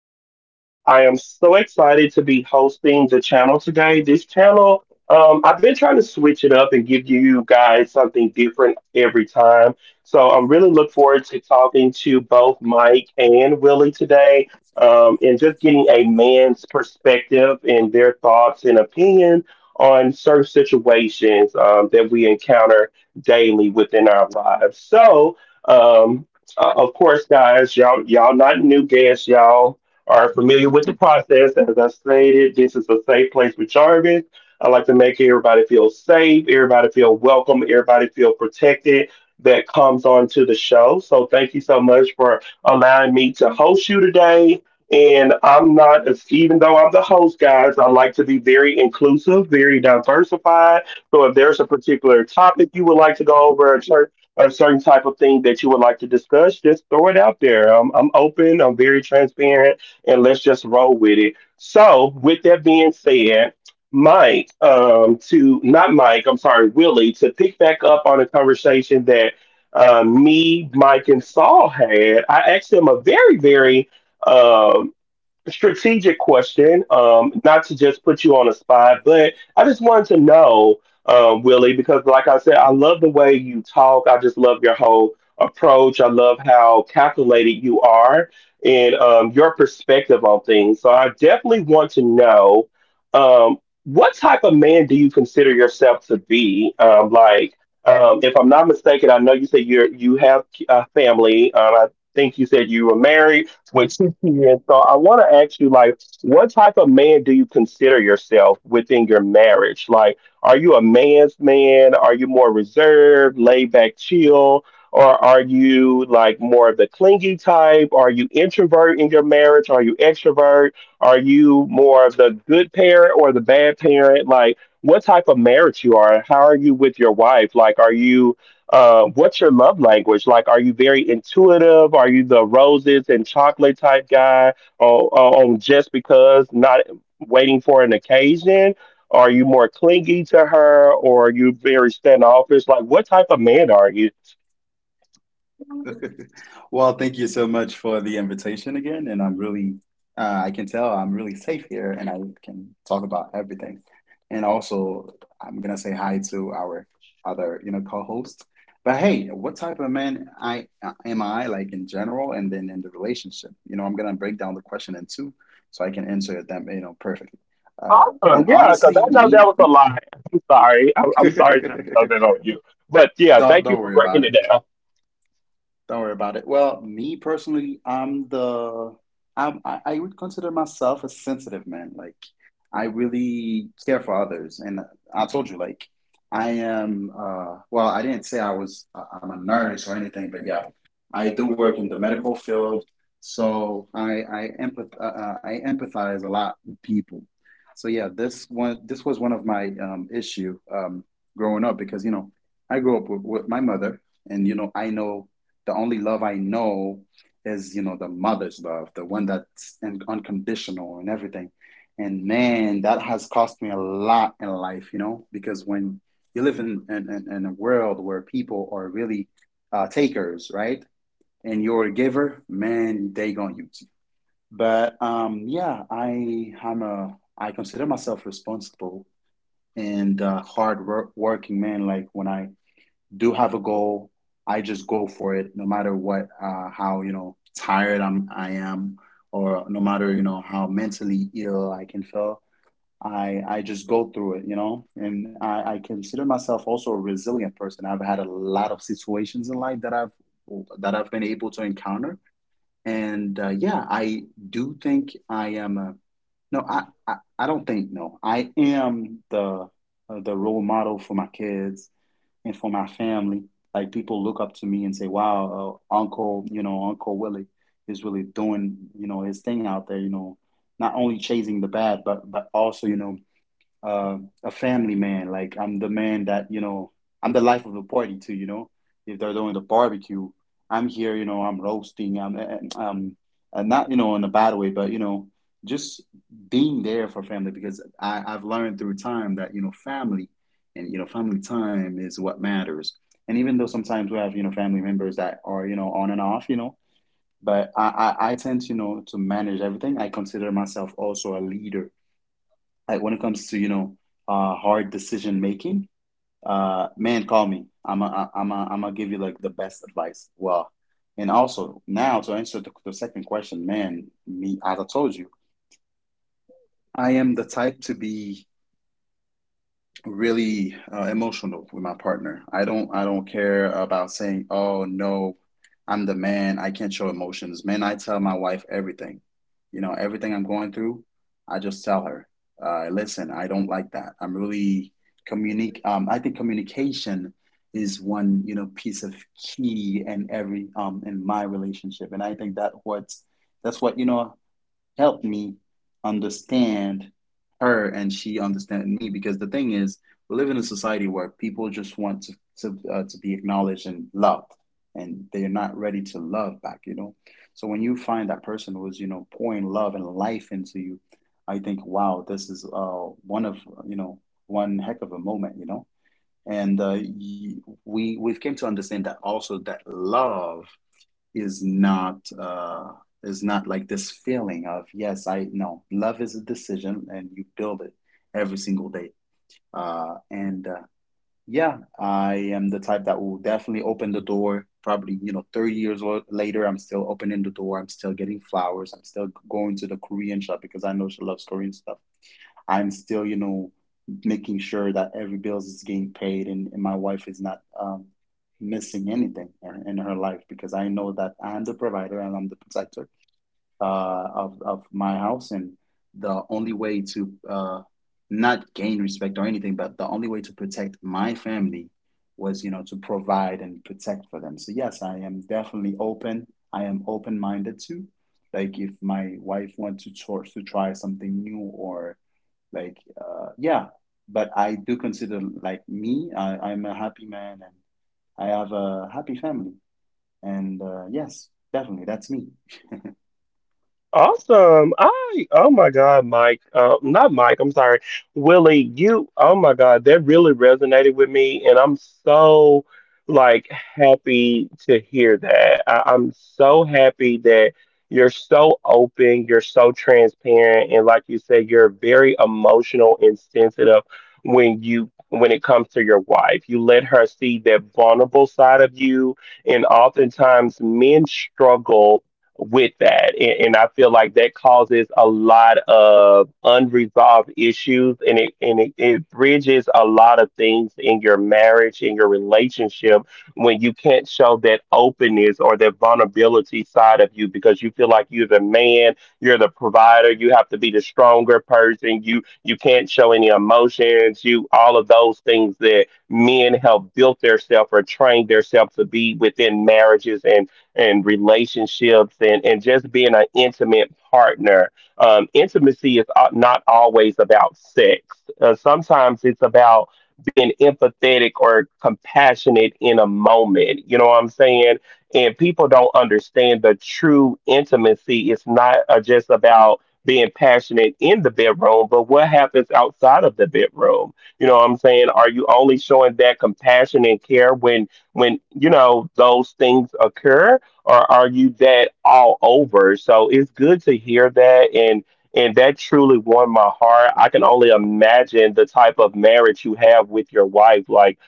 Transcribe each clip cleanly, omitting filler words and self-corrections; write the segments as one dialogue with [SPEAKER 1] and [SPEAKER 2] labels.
[SPEAKER 1] Jarvis. I am so excited to be hosting the channel today. This channel, I've been trying to switch it up and give you guys something different every time. So I'm really look forward to talking to both Mike and Willie today, and just getting a man's perspective and their thoughts and opinion on certain situations, that we encounter daily within our lives. So, um, of course, guys, y'all not new guests. Y'all are familiar with the process. As I stated, this is a safe place with Jarvis. I like to make everybody feel safe, everybody feel welcome, everybody feel protected that comes onto the show. So thank you so much for allowing me to host you today. And I'm not, as even though I'm the host, guys, I like to be very inclusive, very diversified. So if there's a particular topic you would like to go over, a certain type of thing that you would like to discuss, just throw it out there. I'm open, I'm very transparent, and let's just roll with it. So, with that being said, Mike, to not Mike, I'm sorry, Willie, to pick back up on a conversation that me, Mike, and Saul had, I asked him a very, very um strategic question, not to just put you on the spot, but I just wanted to know, Willie, because like I said, I love the way you talk. I just love your whole approach. I love how calculated you are and, your perspective on things. So I definitely want to know, um, what type of man do you consider yourself to be? Like, if I'm not mistaken, I know you said you have a family. I think you said you were married with two kids. So I want to ask you, like, what type of man do you consider yourself within your marriage? Like, are you a man's man? Are you more reserved, laid back, chill? Or are you like more of the clingy type? Are you introvert in your marriage? Are you extrovert? Are you more of the good parent or the bad parent? Like, what type of marriage you are? How are you with your wife? Like, are you, what's your love language? Like, are you very intuitive? Are you the roses and chocolate type guy on just because not waiting for an occasion? Are you more clingy to her or are you very standoffish? Like, what type of man are you?
[SPEAKER 2] Well, thank you so much for the invitation again, and I can tell I'm really safe here, and I can talk about everything. And also, I'm gonna say hi to our other, you know, co-host. But hey, what type of man I am I like in general, and then in the relationship? You know, I'm gonna break down the question in two, so I can answer them, you know, perfectly. Uh,
[SPEAKER 1] Awesome.
[SPEAKER 2] and
[SPEAKER 1] Yeah, because I
[SPEAKER 2] honestly,
[SPEAKER 1] know
[SPEAKER 2] me,
[SPEAKER 1] that was a lie. I'm sorry. I'm, I'm sorry, just
[SPEAKER 2] don't
[SPEAKER 1] other on you. But yeah,
[SPEAKER 2] don't
[SPEAKER 1] thank you for
[SPEAKER 2] worry about
[SPEAKER 1] breaking
[SPEAKER 2] it.
[SPEAKER 1] it down.
[SPEAKER 2] Don't worry about it. Well, me personally, I'm the I'm I would consider myself a sensitive man. Like I really care for others, and I told you, like I am. Well, I didn't say I was. I'm a nurse or anything, but yeah, I do work in the medical field, so I empathize a lot with people. So yeah, this was one of my issue growing up because you know I grew up with my mother, and you know I know the only love I know is, you know, the mother's love, the one that's unconditional and everything. And man, that has cost me a lot in life, you know, because when you live in a world where people are really takers, right? And you're a giver, man, they gonna use you. But yeah, I I'm a I consider myself responsible and hard work, working man. Like when I do have a goal, I just go for it, no matter what, how you know tired I am, or no matter you know how mentally ill I can feel. I just go through it, you know, and I consider myself also a resilient person. I've had a lot of situations in life that I've been able to encounter, and yeah, I do think I am a no. I don't think no. I am the role model for my kids and for my family. Like people look up to me and say, "Wow, Uncle, you know, Uncle Willie is really doing, you know, his thing out there. You know, not only chasing the bad, but also, you know, uh, a family man. Like I'm the man that, you know, I'm the life of the party too, you know. If they're doing the barbecue, I'm here, you know, I'm roasting, I'm, eh, eh, I'm, I not, you know, in a bad way, but, you know, just being there for family because I've learned through time that, you know, family and, you know, family time is what matters. And even though sometimes we have, you know, family members that are, you know, on and off, you know, but I tend to, you know, to manage everything. I consider myself also a leader like when it comes to you know hard decision making. Uh, man, call me. I'm gonna give you like the best advice. Well, and also now to answer the second question, man, me, as I told you, I am the type to be really emotional with my partner. I don't care about saying, "Oh no, I'm the man. I can't show emotions." Man, I tell my wife everything. You know, everything I'm going through, I just tell her, "Listen, I don't like that." I'm really communic I think communication is one, you know, piece of key in every in my relationship. And I think that what's that's what, you know, helped me understand her and she understand me, because the thing is we live in a society where people just want to to be acknowledged and loved, and they're not ready to love back, you know. So when you find that person who's you know pouring love and life into you, I think, wow, this is one of, you know, one heck of a moment, you know. and uh, y- we've came to understand that also, that love is not uh is not like this feeling of, yes, I know love is a decision and you build it every single day. And yeah, I am the type that will definitely open the door probably you know 30 years later. I'm still opening the door, I'm still getting flowers, I'm still going to the Korean shop because I know she loves Korean stuff. I'm still, you know, making sure that every bills is getting paid, and my wife is not missing anything in her life, because I know that I'm the provider and I'm the protector of my house. And the only way to uh, not gain respect or anything, but the only way to protect my family was, you know, to provide and protect for them. So yes, I am definitely open. I am open-minded too. Like if my wife wants to try something new or like, yeah, but I do consider like me, I'm a happy man and I have a happy family. And yes, definitely, that's me.
[SPEAKER 1] Awesome. Oh my God, Mike. Not Mike, I'm sorry. Willie, you, oh my God, that really resonated with me. And I'm so like happy to hear that. I'm so happy that you're so open, you're so transparent, and like you said, you're very emotional and sensitive when it comes to your wife. You let her see that vulnerable side of you. And oftentimes men struggle with that. And I feel like that causes a lot of unresolved issues and it bridges a lot of things in your marriage, in your relationship, when you can't show that openness or that vulnerability side of you because you feel like you're the man, you're the provider, you have to be the stronger person, you can't show any emotions, you, all of those things that men have built theirself or trained theirself to be within marriages and relationships and just being an intimate partner. Intimacy is, not always about sex. Sometimes it's about being empathetic or compassionate in a moment. You know what I'm saying? And people don't understand the true intimacy. It's not, just about being passionate in the bedroom, but what happens outside of the bedroom? You know what I'm saying? Are you only showing that compassion and care when you know those things occur? Or are you that all over? So it's good to hear that, and that truly warmed my heart. I can only imagine the type of marriage you have with your wife. Like,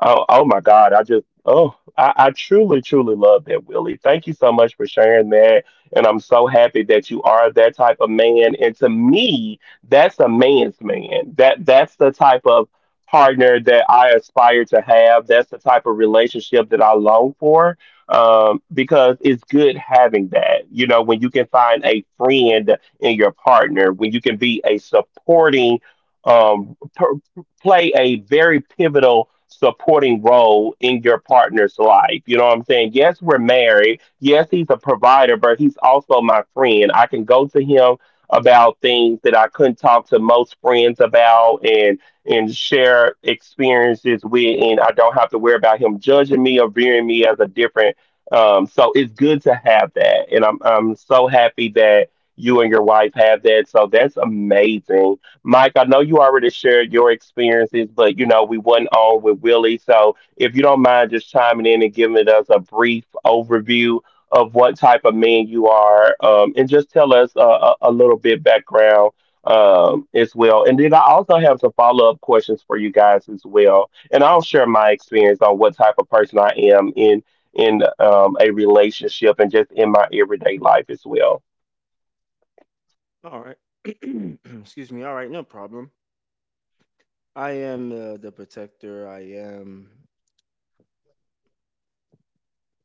[SPEAKER 1] oh, oh my God, I just oh I truly, truly love that, Willie. Thank you so much for sharing that. And I'm so happy that you are that type of man. And to me, that's a man's man. That that's the type of partner that I aspire to have. That's the type of relationship that I long for, because it's good having that. You know, when you can find a friend in your partner, when you can be a supporting, play a very pivotal supporting role in your partner's life. You know what I'm saying? Yes, we're married. Yes, he's a provider, but he's also my friend. I can go to him about things that I couldn't talk to most friends about and share experiences with and I don't have to worry about him judging me or viewing me as a different, so it's good to have that, and I'm so happy that you and your wife have that. So that's amazing, Mike. I know you already shared your experiences, but you know we wasn't on with Willie, so if you don't mind just chiming in and giving us a brief overview of what type of man you are, and just tell us a little bit background as well, and then I also have some follow-up questions for you guys as well, and I'll share my experience on what type of person I am in, a relationship and just in my everyday life as well.
[SPEAKER 3] All right. Excuse me. All right, no problem. I am the protector. I am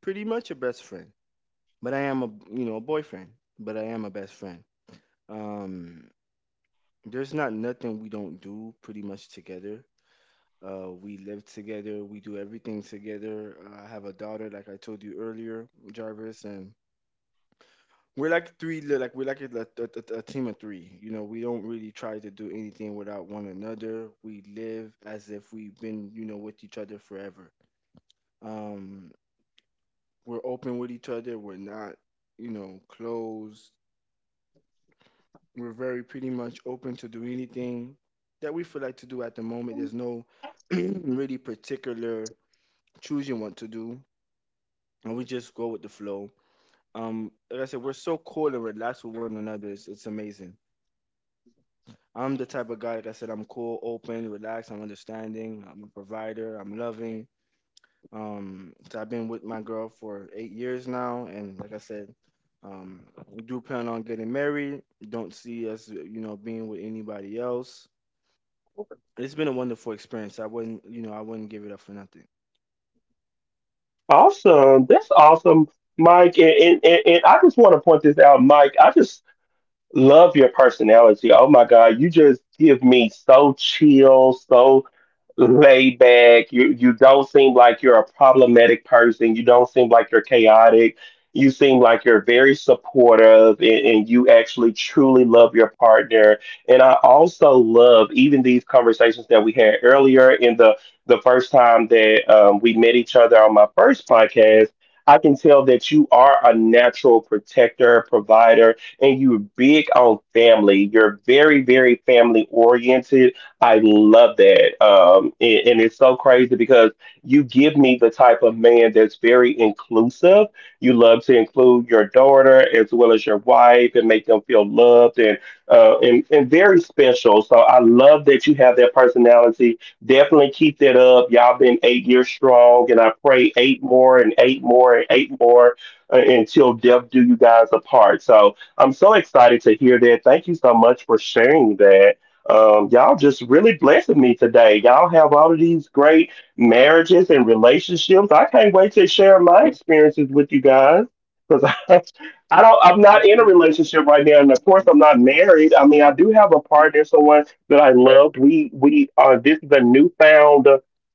[SPEAKER 3] pretty much a best friend, but I am a a boyfriend, but I am a best friend. Um, there's not nothing we don't do pretty much together. We live together. We do everything together. I have a daughter, like I told you earlier, Jarvis, and we're like three, like we're like a team of three. You know, we don't really try to do anything without one another. We live as if we've been, you know, with each other forever. Um, we're open with each other. We're not, you know, closed. We're very pretty much open to do anything that we feel like to do at the moment. There's no really particular choosing what to do, and we just go with the flow. Like I said, we're so cool and relaxed with one another. It's amazing. I'm the type of guy, like I said, I'm cool, open, relaxed, I'm understanding, I'm a provider, I'm loving. So I've been with my girl for 8 years now, and like I said, um, we do plan on getting married. Don't see us, you know, being with anybody else. It's been a wonderful experience. I wouldn't, you know, I wouldn't give it up for nothing.
[SPEAKER 1] Awesome. That's awesome, Mike. And I just want to point this out, Mike. I just love your personality. Oh my God, you just give me so chill, so laid back. You don't seem like you're a problematic person. You don't seem like you're chaotic. You seem like you're very supportive and you actually truly love your partner. And I also love even these conversations that we had earlier in the first time that, we met each other on my first podcast. I can tell that you are a natural protector, provider, and you're big on family. You're very, very family oriented. I love that. And it's so crazy because you give me the type of man that's very inclusive. You love to include your daughter as well as your wife and make them feel loved and, and very special. So I love that you have that personality. Definitely keep that up. Y'all been 8 years strong, and I pray eight more and eight more and eight more, until death do you guys apart. So I'm so excited to hear that. Thank you so much for sharing that. Y'all just really blessing me today. Y'all have all of these great marriages and relationships. I can't wait to share my experiences with you guys because I, I don't. I'm not in a
[SPEAKER 3] Absolutely.
[SPEAKER 1] relationship right now, and of course, I'm not married. I mean, I do have a partner, someone that I loved. We This is a newfound,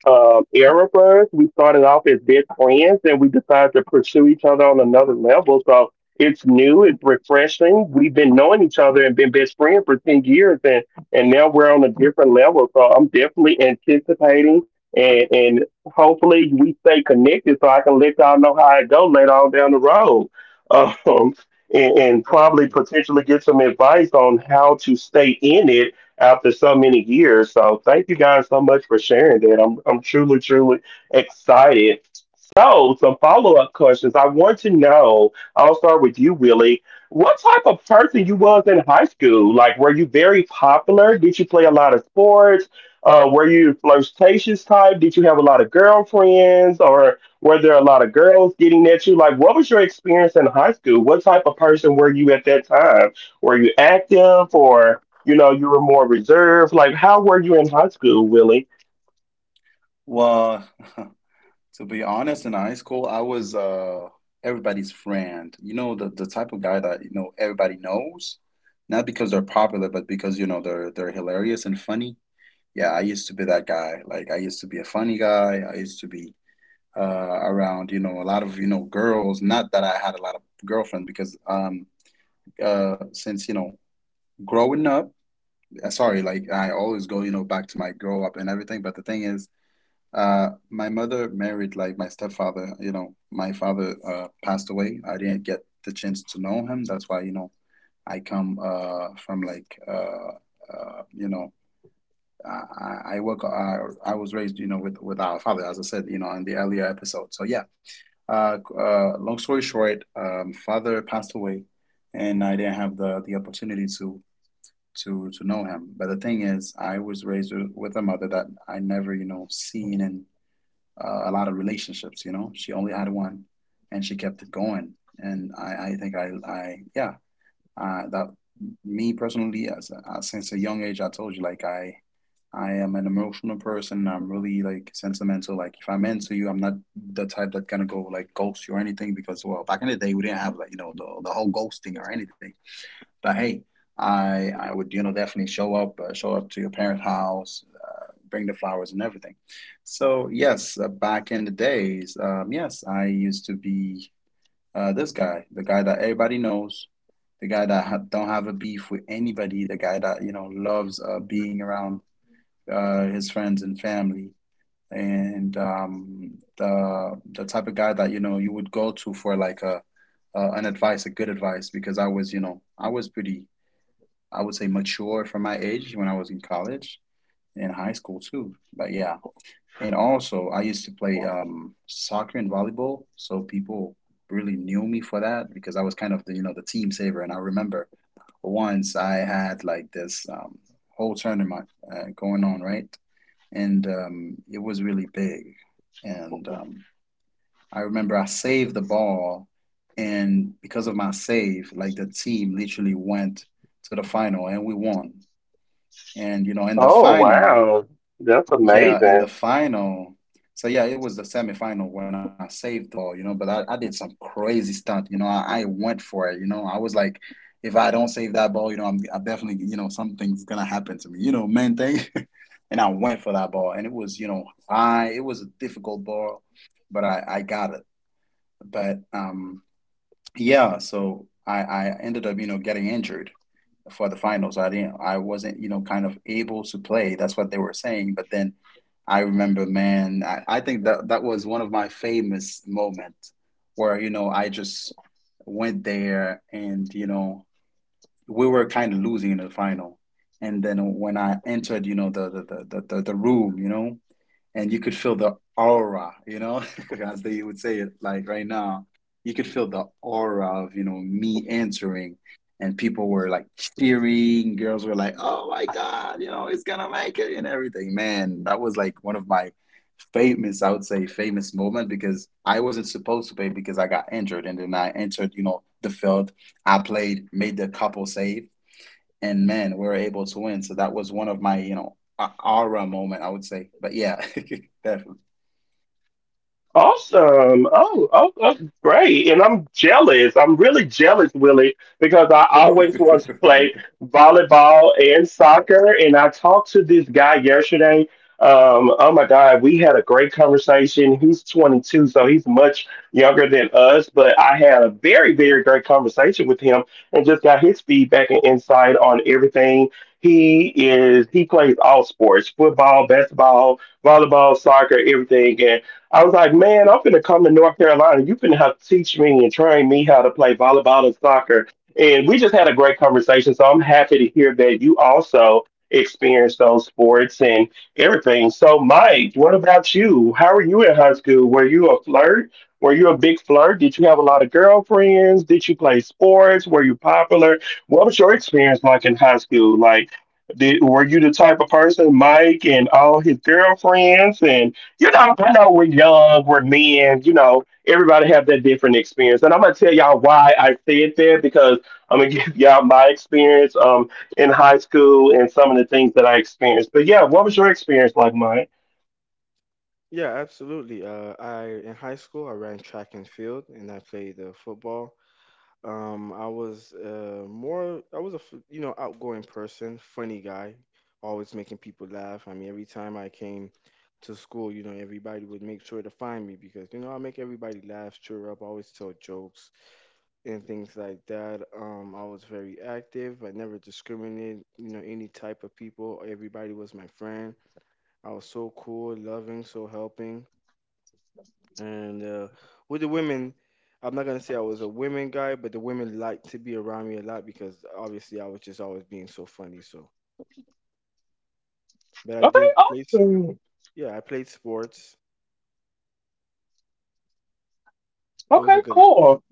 [SPEAKER 1] era for us. We started off as best friends, and we decided to pursue each other on another level. So it's new, it's refreshing. We've been knowing each other and been best friends for 10 years, and now we're on a different level. So I'm definitely anticipating, and hopefully we stay connected, so I can let y'all know how it go later on down the road, um, and probably
[SPEAKER 3] Absolutely.
[SPEAKER 1] potentially get some advice on how to stay in it after so many years. So thank you guys so much for sharing that. I'm truly truly excited. So some follow up questions. I want to know. I'll start with you, Willie. What type of person you was in high school? Like, were you very popular? Did you play a lot of sports? Were you flirtatious type? Did you have a lot of girlfriends, or were there a lot of girls getting at you? Like, what was your experience in high school? What type of person were you at that time? Were you active, or you know, you were more reserved? Like, how were you in high school, Willie?
[SPEAKER 2] Well, to be honest, in high school, I was everybody's friend. You know, the type of guy that, you know, everybody knows, not because they're popular, but because, you know, they're hilarious and funny. Yeah, I used to be that guy. Like I used to be a funny guy. I used to be around, you know, a lot of, you know, girls. Not that I had a lot of girlfriends because since, you know, growing up, sorry, like I always go, you know, back to my grow up and everything. But the thing is, my mother married like my stepfather. You know, my father passed away. I didn't get the chance to know him. That's why, you know, I come from like, you know, I, I I work. I, I was raised, you know, with our father, as I said, you know, in the earlier episode. So yeah. Long story short, father passed away, and I didn't have the opportunity to know him. But the thing is, I was raised with a mother that I never, you know, seen in a lot of relationships. You know, she only had one, and she kept it going. And I think I, yeah, that me personally, as, since a young age, I told you, like I. I am an emotional person. I'm really like sentimental. Like if I'm into you, I'm not the type that gonna go like ghost you or anything, because well, back in the day, we didn't have like you know the whole ghosting or anything. But hey, I would you know definitely show up to your parents' house, bring the flowers and everything. So yes, back in the days, yes, I used to be this guy, the guy that everybody knows, the guy that ha don't have a beef with anybody, the guy that you know loves being around his friends and family, and the type of guy that you know you would go to for like a an advice, a good advice, because I was you know I was pretty, I would say, mature for my age when I was in college and high school too. But yeah, and also I used to play soccer and volleyball, so people really knew me for that because I was kind of the you know the team saver, and I remember once I had like this whole tournament going on, right? And it was really big. And I remember I saved the ball, and because of my save, like the team literally went to the final and we won. And you know, in the
[SPEAKER 1] Oh,
[SPEAKER 2] final.
[SPEAKER 1] wow, that's
[SPEAKER 2] Yeah, and the
[SPEAKER 1] amazing.
[SPEAKER 2] final. So yeah, it was the semifinal when I saved the ball, you know, but I did some crazy stunt, you know. I went for it, you know. I was like, if I don't save that ball, you know, I definitely, you know, something's gonna happen to me, you know, man thing. And I went for that ball, and it was, you know, high. It was a difficult ball, but I got it. But um, yeah, so I ended up, you know, getting injured for the finals. I wasn't, you know, kind of able to play. That's what they were saying. But then I remember, man, I think that that was one of my famous moments where, you know, I just went there and, you know, we were kind of losing in the final. And then when I entered, the room, you know, and you could feel the aura, you know, as they would say it like right now. You could feel the aura of, you know, me entering, and people were like cheering, girls were like, "Oh my God, you know, it's gonna make it" and everything. Man, that was like one of my famous, I would say, famous moment because I wasn't supposed to play because I got injured, and then I entered, you know, the field. I played, made the couple save, and man, we were able to win. So that was one of my, you know, aura moment, I would say. But yeah, definitely.
[SPEAKER 1] Awesome. Oh, oh, that's great. And I'm jealous. I'm really jealous, Willie, because I always want to play volleyball and soccer. And I talked to this guy yesterday. Oh my God, we had a great conversation. He's 22, so he's much younger than us, but I had a very, very great conversation with him and just got his feedback and insight on everything. He plays all sports: football, basketball, volleyball, soccer, everything. I was like, man, I'm finna come to North Carolina. You finna have to teach me and train me how to play volleyball and soccer. And we just had a great conversation. So I'm happy to hear that you also experienced those sports and everything. So, Mike, what about you? How were you in high school? Were you a flirt? Were you a big flirt? Did you have a lot of girlfriends? Did you play sports? Were you popular? What was your experience like in high school? Like, were you the type of person, Mike, and all his girlfriends and you know, I know we're young, we're men, you know, everybody have that different experience. And I'm gonna tell y'all why I said that because I'm gonna give y'all my experience in high school and some of the things that I experienced. But yeah, what was your experience like, Mike?
[SPEAKER 3] Yeah, absolutely. I in high school I ran track and field, and I played football. I was more I was a f- you know, outgoing person, funny guy, always making people laugh. I mean, every time I came to school, you know, everybody would make sure to find me because you know I make everybody laugh, cheer up, always tell jokes and things like that. I was very active. I never discriminated, you know, any type of people. Everybody was my friend. I was so cool, loving, so helping. And with the women, I'm not gonna say I was a women guy, but the women liked to be around me a lot because obviously I was just always being so funny. So, but I
[SPEAKER 1] Okay,
[SPEAKER 3] did play.
[SPEAKER 1] awesome.
[SPEAKER 3] Yeah, I played sports. It was a
[SPEAKER 1] Okay,
[SPEAKER 3] good experience.
[SPEAKER 1] cool.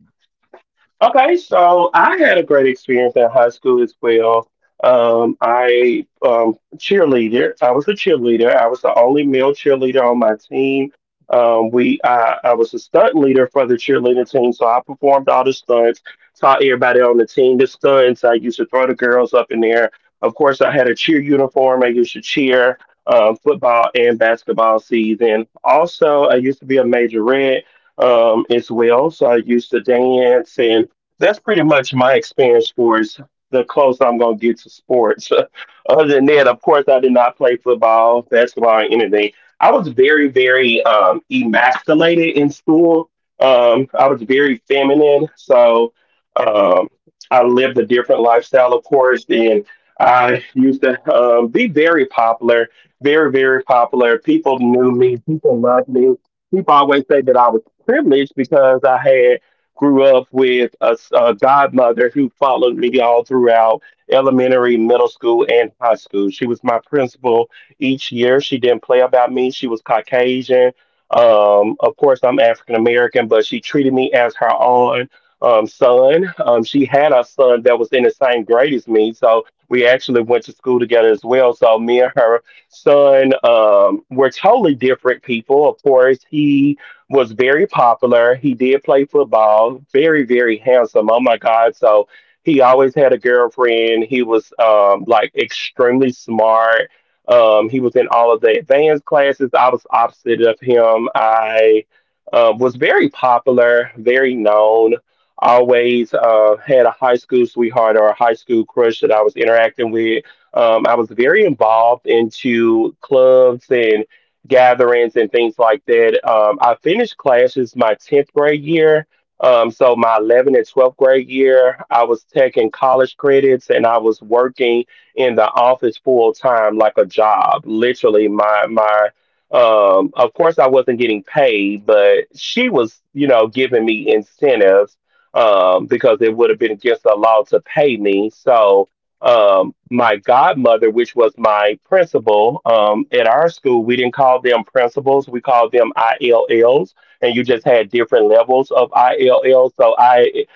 [SPEAKER 1] Okay, so I had a great experience at high school as well. I was a cheerleader. I was the only male cheerleader on my team. We I was a stunt leader for the cheerleading team, so I performed all the stunts, taught everybody on the team the stunts. I used to throw the girls up in there. Of course, I had a cheer uniform. I used to cheer football and basketball season. Also, I used to be a majorette as well, so I used to dance and that's pretty much my experience sports. The closest I'm gonna get to sports. Other than that, of course, I did not play football, basketball, or anything. I was very, very emasculated in school. I was very feminine, so um, I lived a different lifestyle, of course, and I used to be very popular, very, very popular. People knew me, people loved me. People always say that I was privileged because I grew up with a godmother who followed me all throughout elementary, middle school, and high school. She was my principal each year. She didn't play about me. She was Caucasian. Of course, I'm African American, but she treated me as her own son. She had a son that was in the same grade as me, so we actually went to school together as well. So me and her son were totally different people. Of course, he was very popular. He did play football, very, very handsome. Oh my God. So he always had a girlfriend. He was like extremely smart. He was in all of the advanced classes. I was opposite of him. I was very popular, very known. Always had a high school sweetheart or a high school crush that I was interacting with. I was very involved into clubs and gatherings and things like that. I finished classes my 10th grade year. So my 11th and 12th grade year, I was taking college credits and I was working in the office full time, like a job. Literally, my my. Of course, I wasn't getting paid, but she was, you know, giving me incentives because it would have been against the law to pay me. So my godmother, which was my principal at our school, we didn't call them principals. We called them ILLs. And you just had different levels of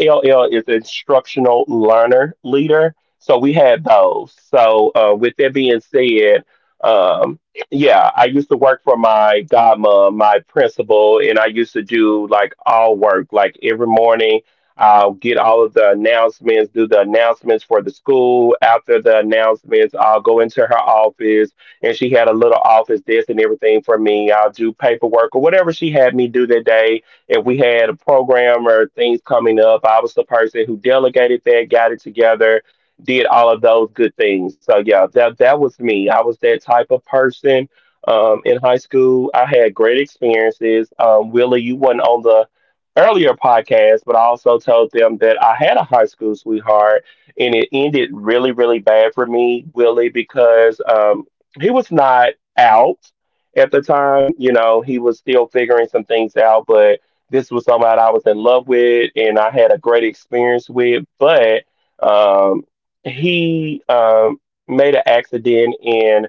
[SPEAKER 1] ILL is instructional learner leader. So we had those. So with that being said, um, yeah, I used to work for my godmom, my principal, and I used to do like all work, like every morning I'll get all of the announcements, do the announcements for the school. After the announcements, I'll go into her office and she had a little office desk and everything for me. I'll do paperwork or whatever she had me do that day. If we had a program or things coming up, I was the person who delegated that, got it together, did all of those good things. So yeah, that was me. I was that type of person. In high school, I had great experiences. Willie, you wasn't on the earlier podcast, but I also told them that I had a high school sweetheart and it ended really, really bad for me, Willie, because he was not out at the time. You know, he was still figuring some things out, but this was somebody I was in love with and I had a great experience with. But um, he made an accident and.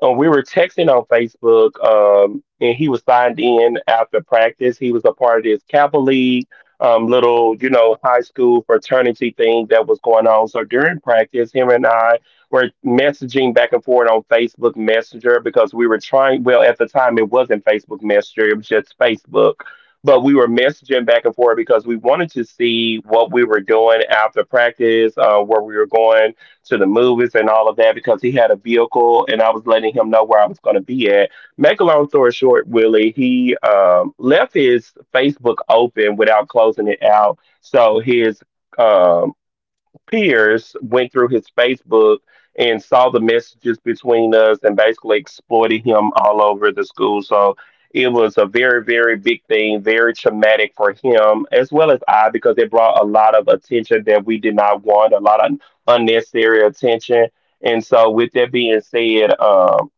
[SPEAKER 1] We were texting on Facebook, and he was signed in after practice. He was a part of this Kappa League, little, you know, high school fraternity thing that was going on. So during practice, him and I were messaging back and forth on Facebook Messenger because we were trying, well, at the time, it wasn't Facebook Messenger, it was just Facebook. But we were messaging back and forth because we wanted to see what we were doing after practice, where we were going to the movies and all of that because he had a vehicle and I was letting him know where I was going to be at. Make a long story short, Willie, he left his Facebook open without closing it out. So his um, peers went through his Facebook and saw the messages between us and basically exploited him all over the school. So it was a very, very big thing, very traumatic for him as well as I because it brought a lot of attention that we did not want, a lot of unnecessary attention. And so, with that being said, um,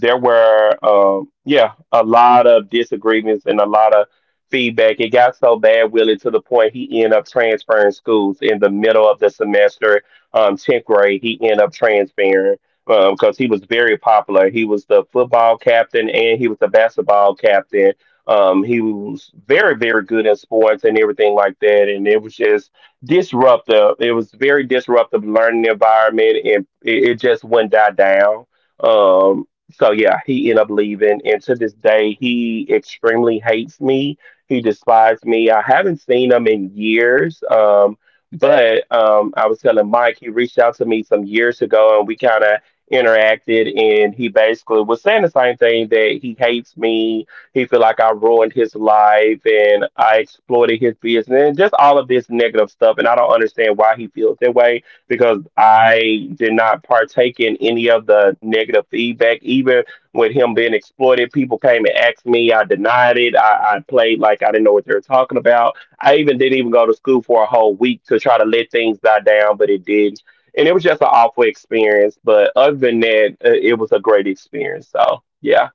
[SPEAKER 1] there were, um yeah, a lot of disagreements and a lot of feedback. It got so bad, Willie, to the point he ended up transferring schools in the middle of the semester. 10th grade, he ended up transferring because he was very popular. He was the football captain and he was the basketball captain. He was very, very good in sports and everything like that. And it was just disruptive. It was very disruptive learning environment, and it just wouldn't die down. Um, so yeah, he ended up leaving, and to this day, he extremely hates me he despised me. I haven't seen him in years. But I was telling Mike, he reached out to me some years ago and we kind of interacted. And he basically was saying the same thing that he hates me. He feel like I ruined his life and I exploited his business and just all of this negative stuff. And I don't understand why he feels that way because I did not partake in any of the negative feedback, even with him being exploited. People came and asked me. I denied it. I played like I didn't know what they were talking about. I even didn't even go to school for a whole week to try to let things die down, but it did. And it was just an awful experience. But other than that, it was a great experience. So, yeah.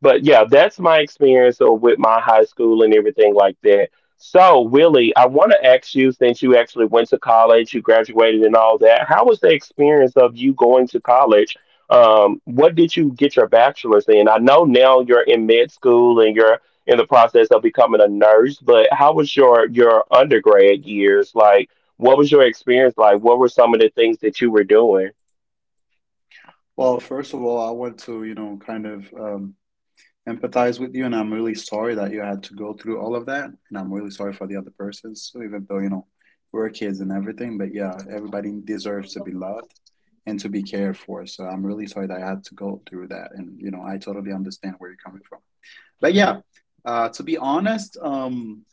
[SPEAKER 1] But yeah, that's my experience with my high school and everything like that. So, Willie, I want to ask you since you actually went to college, you graduated and all that, how was the experience of you going to college? What did you get your bachelor's in? I know now you're in med school and you're in the process of becoming a nurse, but how was your undergrad years? Like, what was your experience like? What were some of the things that you were doing?
[SPEAKER 2] Well, first of all, I want to, you know, kind of empathize with you, and I'm really sorry that you had to go through all of that, and I'm really sorry for the other persons. So even though, you know, we're kids and everything, but yeah, everybody deserves to be loved and to be cared for. So I'm really sorry that I had to go through that, and you know, I totally understand where you're coming from. But yeah, to be honest, um.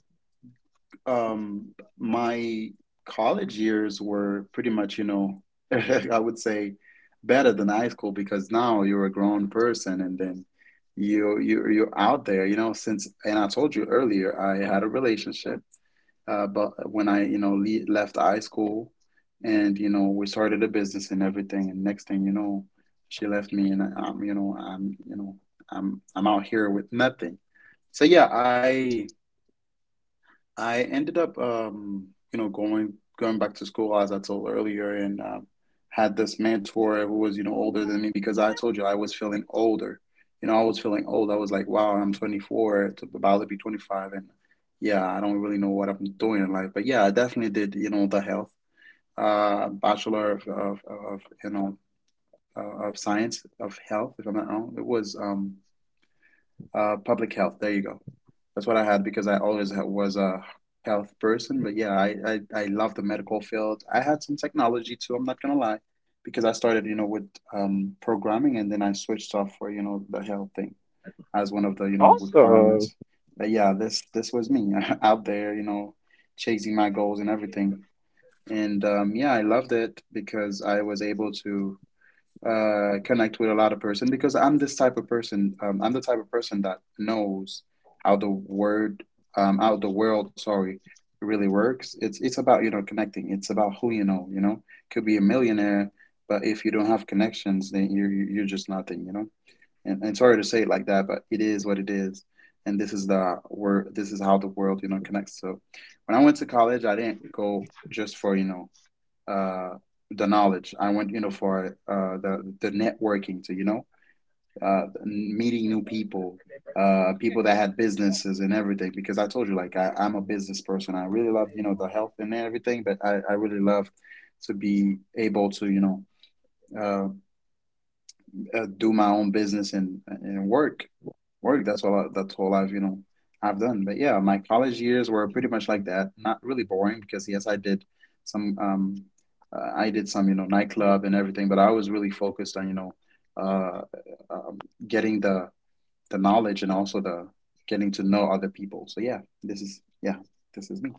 [SPEAKER 2] Um, My college years were pretty much, you know, I would say better than high school because now you're a grown person, and then you're out there, you know, since and I told you earlier I had a relationship, but when I, you know, le left high school and you know, we started a business and everything, and next thing you know, she left me, and I'm, you know, I'm, you know, I'm out here with nothing. So yeah, I ended up, you know, going back to school as I told earlier, and had this mentor who was, you know, older than me because I told you I was feeling older. You know, I was feeling old. I was like, wow, I'm 24, to about to be 25, and yeah, I don't really know what I'm doing in life. But yeah, I definitely did, you know, the health, bachelor of you know, of science of health, if I'm not wrong. It was public health. There you go. That's what I had because I always was a health person. But yeah, I I love the medical field. I had some technology too. I'm not gonna lie, because I started you know with programming, and then I switched off for you know the health thing as one of the you know
[SPEAKER 1] Awesome.
[SPEAKER 2] requirements. But yeah, this was me out there you know chasing my goals and everything. And yeah, I loved it because I was able to connect with a lot of person because I'm this type of person. I'm the type of person that knows how the word, how the world, sorry, really works. It's about you know connecting. It's about who you know. You know, could be a millionaire, but if you don't have connections, then you're just nothing. You know, and sorry to say it like that, but it is what it is. And this is the word. This is how the world, you know, connects. So, when I went to college, I didn't go just for you know uh, the knowledge. I went, you know, for the networking to, you know, meeting new people, people that had businesses and everything. Because I told you, like, I, I'm a business person. I really love, you know, the health and everything, but I really love to be able to, uh, do my own business and work. That's all. That's all I've you know I've done. But yeah, my college years were pretty much like that. Not really boring because yes, I did some. I did some you know nightclub and everything, but I was really focused on you know uh, getting the knowledge and also the getting to know other people. So yeah, this is me.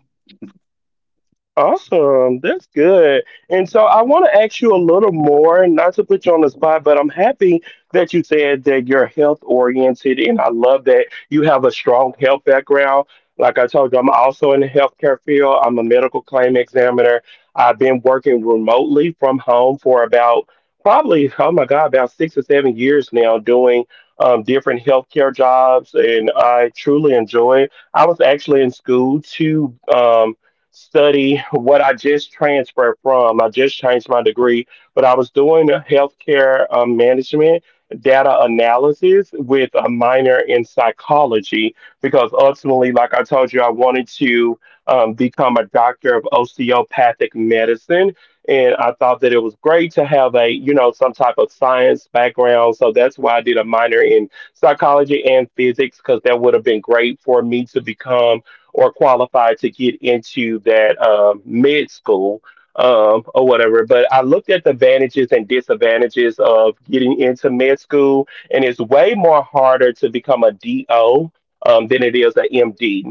[SPEAKER 1] Awesome. That's good. And so I want to ask you a little more, not to put you on the spot, but I'm happy that you said that you're health oriented. And I love that you have a strong health background. Like I told you, I'm also in the healthcare field. I'm a medical claim examiner. I've been working remotely from home for about probably, oh my God, about 6 or 7 years now doing different healthcare jobs. And I truly enjoy it. I was actually in school to. Study what I just transferred from. I just changed my degree, but I was doing a healthcare management data analysis with a minor in psychology because ultimately, like I told you, I wanted to become a doctor of osteopathic medicine. And I thought that it was great to have a, you know, some type of science background. So that's why I did a minor in psychology and physics because that would have been great for me to become or qualified to get into that med school or whatever. But I looked at the advantages and disadvantages of getting into med school, and it's way more harder to become a DO. Than it is an MD.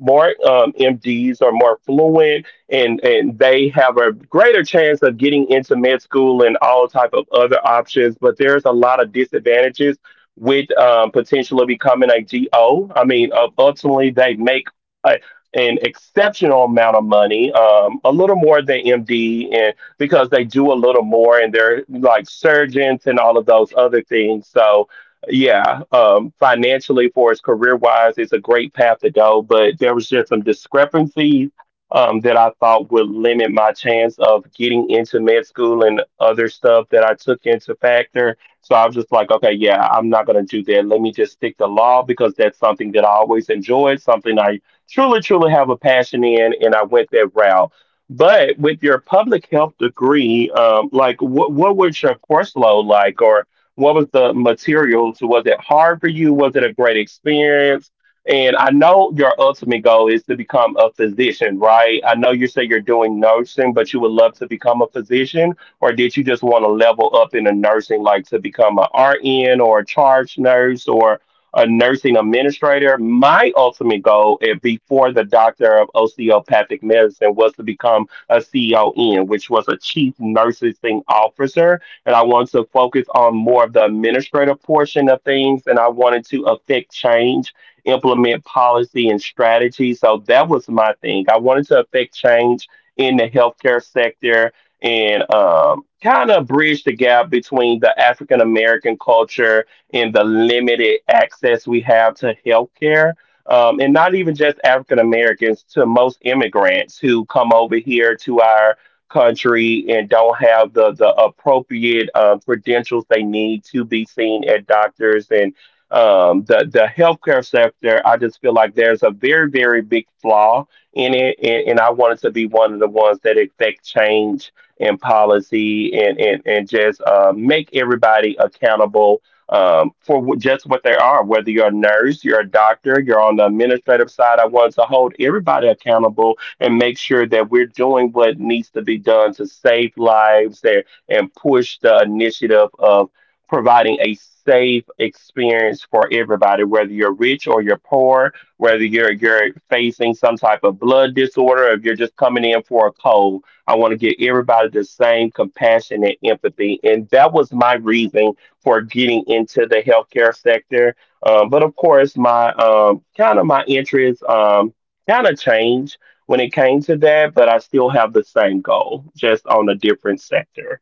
[SPEAKER 1] More MDs are more fluent, and they have a greater chance of getting into med school and all type of other options. But there's a lot of disadvantages with potentially becoming a DO. I mean, ultimately they make a- an exceptional amount of money, a little more than MD, and because they do a little more, and they're like surgeons and all of those other things. So, yeah, financially for his career wise, it's a great path to go. But there was just some discrepancies that I thought would limit my chance of getting into med school and other stuff that I took into factor. So I was just like, okay, yeah, I'm not gonna do that. Let me just stick to law because that's something that I always enjoyed, something I truly, truly have a passion in, and I went that route. But with your public health degree, like what was your course load like, or what was the materials? Was it hard for you? Was it a great experience? And I know your ultimate goal is to become a physician, right? I know you say you're doing nursing, but you would love to become a physician, or did you just want to level up in the nursing, like to become a RN or a charge nurse, or a nursing administrator. My ultimate goal before the doctor of osteopathic medicine was to become a CON, which was a chief nursing officer. And I wanted to focus on more of the administrative portion of things, and I wanted to affect change, implement policy and strategy. So that was my thing. I wanted to affect change in the healthcare sector and kind of bridge the gap between the African American culture and the limited access we have to healthcare. And not even just African Americans, to most immigrants who come over here to our country and don't have the appropriate credentials they need to be seen at doctors and the healthcare sector. I just feel like there's a very, very big flaw in it. And I wanted to be one of the ones that affect change and policy and just make everybody accountable for just what they are. Whether you're a nurse, you're a doctor, you're on the administrative side, I want to hold everybody accountable and make sure that we're doing what needs to be done to save lives there and push the initiative of providing a safe experience for everybody, whether you're rich or you're poor, whether you're facing some type of blood disorder, or if you're just coming in for a cold. I want to give everybody the same compassion and empathy. And that was my reason for getting into the healthcare sector. But of course, my kind of my interests kind of changed when it came to that, but I still have the same goal, just on a different sector.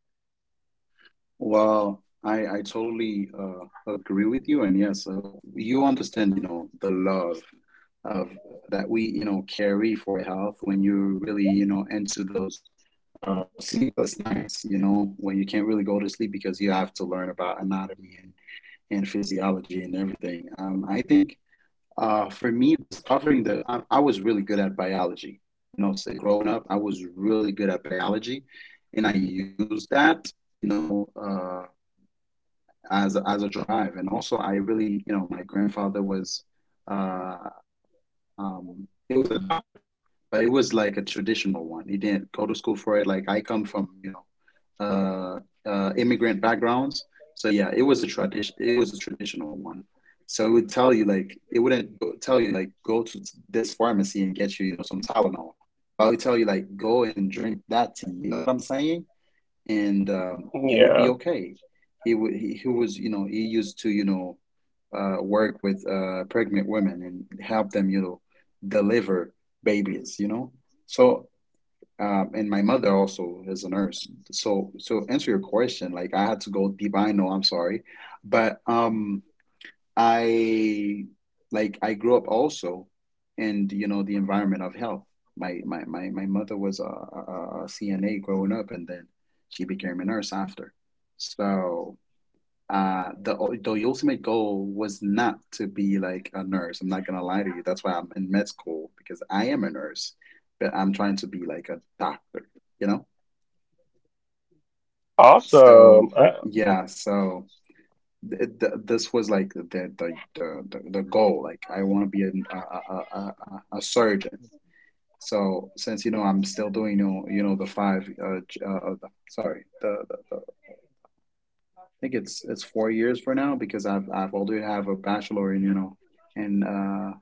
[SPEAKER 2] Well, I totally agree with you, and yes, you understand, you know, the love of that we, you know, carry for health when you're really, you know, into those sleepless nights, you know, when you can't really go to sleep because you have to learn about anatomy and physiology and everything. I think for me, discovering that I was really good at biology, you know, so growing up, I was really good at biology, and I used that you know as a drive. And also, I really, you know, my grandfather was, uh, he was a doctor, but it was like a traditional one. He didn't go to school for it. Like I come from, you know, immigrant backgrounds, so yeah, it was a tradition. It was a traditional one. So it would tell you like it wouldn't go tell you like go to this pharmacy and get you you know some Tylenol, but it would tell you like go and drink that tea. You know what I'm saying? And you would be
[SPEAKER 1] Yeah,
[SPEAKER 2] okay. He was you know he used to you know work with pregnant women and help them you know deliver babies you know, so and my mother also is a nurse, so so answer your question like I had to go deep I know I'm sorry but I like I grew up also in you know the environment of health. My mother was a CNA growing up, and then she became a nurse after. So uh, the the ultimate goal was not to be like a nurse. I'm not gonna lie to you. That's why I'm in med school because I am a nurse, but I'm trying to be like a doctor. You know. So
[SPEAKER 1] awesome.
[SPEAKER 2] yeah.
[SPEAKER 3] Yep.
[SPEAKER 2] So. Th th this was like, the goal. Like I want to be a surgeon. So since you know I'm still doing you know the five sorry the think it's four years for now because I've already have a bachelor in you know in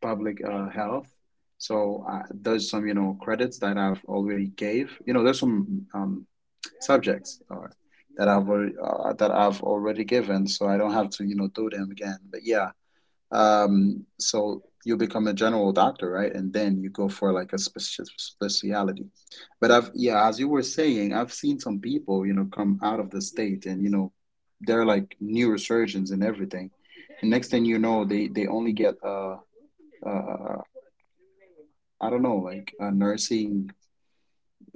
[SPEAKER 2] public health. So there's some you know credits that I've already gave. You know, there's some subjects that I've already given, so I don't have to you know do them again. But yeah, so you become a general doctor, right? And then you go for like a speciality. But I've, yeah, as you were saying, I've seen some people, you know, come out of the state and, you know, they're like neurosurgeons and everything. And next thing you know, they only get uh I don't know, like a nursing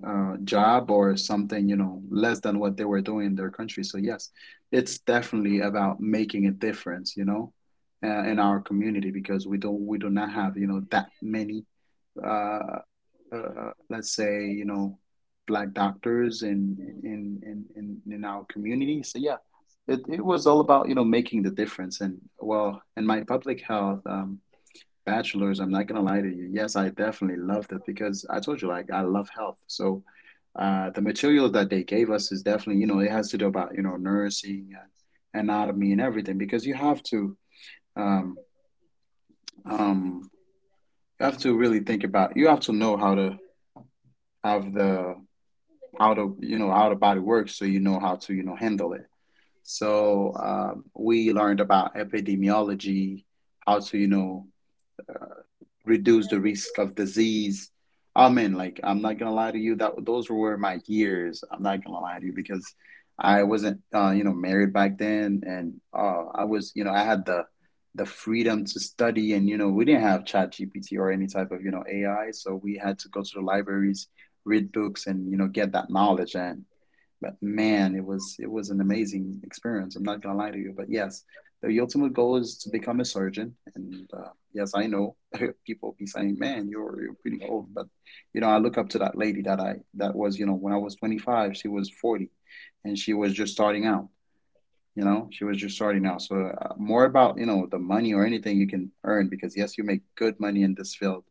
[SPEAKER 2] job or something, you know, less than what they were doing in their country. So yes, it's definitely about making a difference, you know, in our community because we do not have you know that many, uh, let's say you know, black doctors in in in our community. So yeah, it was all about you know making the difference and well, in my public health. Bachelor's, I'm not gonna lie to you. Yes, I definitely loved it because I told you, like, I love health. So, the material that they gave us is definitely, you know, it has to do about, you know, nursing and anatomy and everything because um, um, you have to really think about, you have to know how to have the, how to, you know, how the body works so you know how to, you know, handle it. So, we learned about epidemiology, how to, you know, reduce the risk of disease. I mean, like I'm not gonna lie to you, that those were my years. I'm not gonna lie to you because I wasn't, you know, married back then, and I was, you know, I had the freedom to study, and you know, we didn't have Chat GPT or any type of, you know, AI, so we had to go to the libraries, read books, and you know, get that knowledge. And but man, it was an amazing experience. I'm not gonna lie to you, but yes the ultimate goal is to become a surgeon. And yes, I know people be saying, "Man, you're pretty old," but you know, I look up to that lady that I that was you know when I was 25, she was 40, and she was just starting out. You know, she was just starting out. So more about you know the money or anything you can earn because yes, you make good money in this field,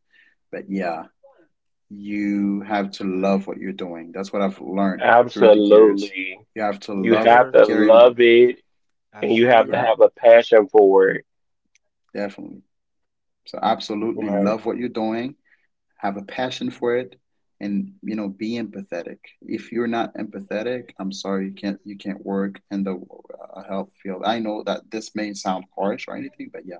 [SPEAKER 2] but yeah, you have to love what you're doing. That's what I've learned through the years.
[SPEAKER 1] Absolutely.
[SPEAKER 2] You have to
[SPEAKER 3] Yes,
[SPEAKER 1] You
[SPEAKER 2] love
[SPEAKER 1] have
[SPEAKER 3] sir.
[SPEAKER 1] to
[SPEAKER 2] caring.
[SPEAKER 1] love
[SPEAKER 3] Yep.
[SPEAKER 1] it and you have
[SPEAKER 3] Absolutely
[SPEAKER 1] to
[SPEAKER 2] Yeah,
[SPEAKER 3] right.
[SPEAKER 1] have a passion for it.
[SPEAKER 2] definitely. So absolutely
[SPEAKER 1] Right.
[SPEAKER 2] love what you're doing, have a passion for it, and you know, be empathetic. If you're not empathetic, I'm sorry, you can't work in the health field. I know that this may sound harsh or anything, but yeah,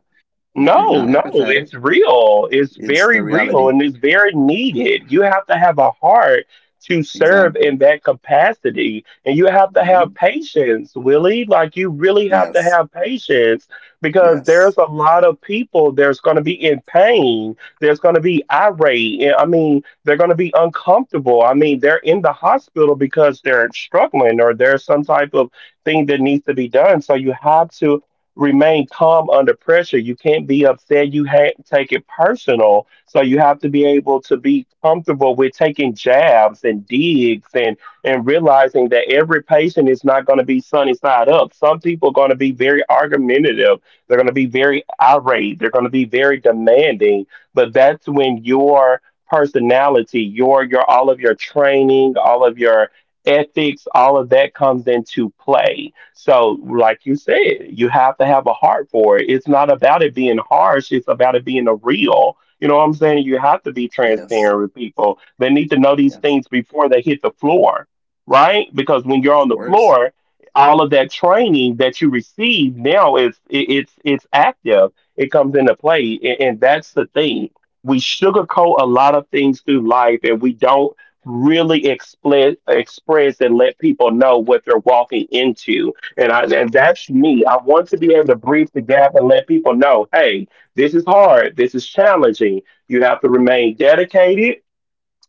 [SPEAKER 2] if you're
[SPEAKER 1] No,
[SPEAKER 2] not
[SPEAKER 1] no, it's
[SPEAKER 2] empathetic,
[SPEAKER 1] real. It's
[SPEAKER 2] it's
[SPEAKER 1] very
[SPEAKER 2] the
[SPEAKER 1] real
[SPEAKER 2] reality.
[SPEAKER 1] and it's very needed. You have to have a heart to serve in
[SPEAKER 2] Exactly.
[SPEAKER 1] that capacity, and you have to
[SPEAKER 2] Hmm.
[SPEAKER 1] have patience, Willie. Like, you really have to
[SPEAKER 2] Yes.
[SPEAKER 1] have patience because there's
[SPEAKER 2] Yes.
[SPEAKER 1] a lot of people there's going to be in pain. There's going to be irate. And, I mean, they're going to be uncomfortable. I mean, they're in the hospital because they're struggling, or there's some type of thing that needs to be done. So you have to remain calm under pressure. You can't be upset. You take it personal. So you have to be able to be comfortable with taking jabs and digs, and realizing that every patient is not going to be sunny side up. Some people are going to be very argumentative. They're going to be very irate. They're going to be very demanding. But that's when your personality, all of your training, all of your ethics, all of that comes into play. So, like you said, you have to have a heart for it. It's not about it being harsh, it's about it being a real. You know what I'm saying? You have to be
[SPEAKER 2] Yes.
[SPEAKER 1] transparent with people. They need to know these
[SPEAKER 2] Yes.
[SPEAKER 1] things before they hit the floor, right? Because when you're
[SPEAKER 2] Of
[SPEAKER 1] on the
[SPEAKER 2] course.
[SPEAKER 1] floor, all of that training that you receive now is it, it's active. It comes into play, and that's the thing. We sugarcoat a lot of things through life, and we don't really express and let people know what they're walking into. And I and that's me. I want to be able to bridge the gap and let people know, hey, this is hard. This is challenging. You have to remain dedicated.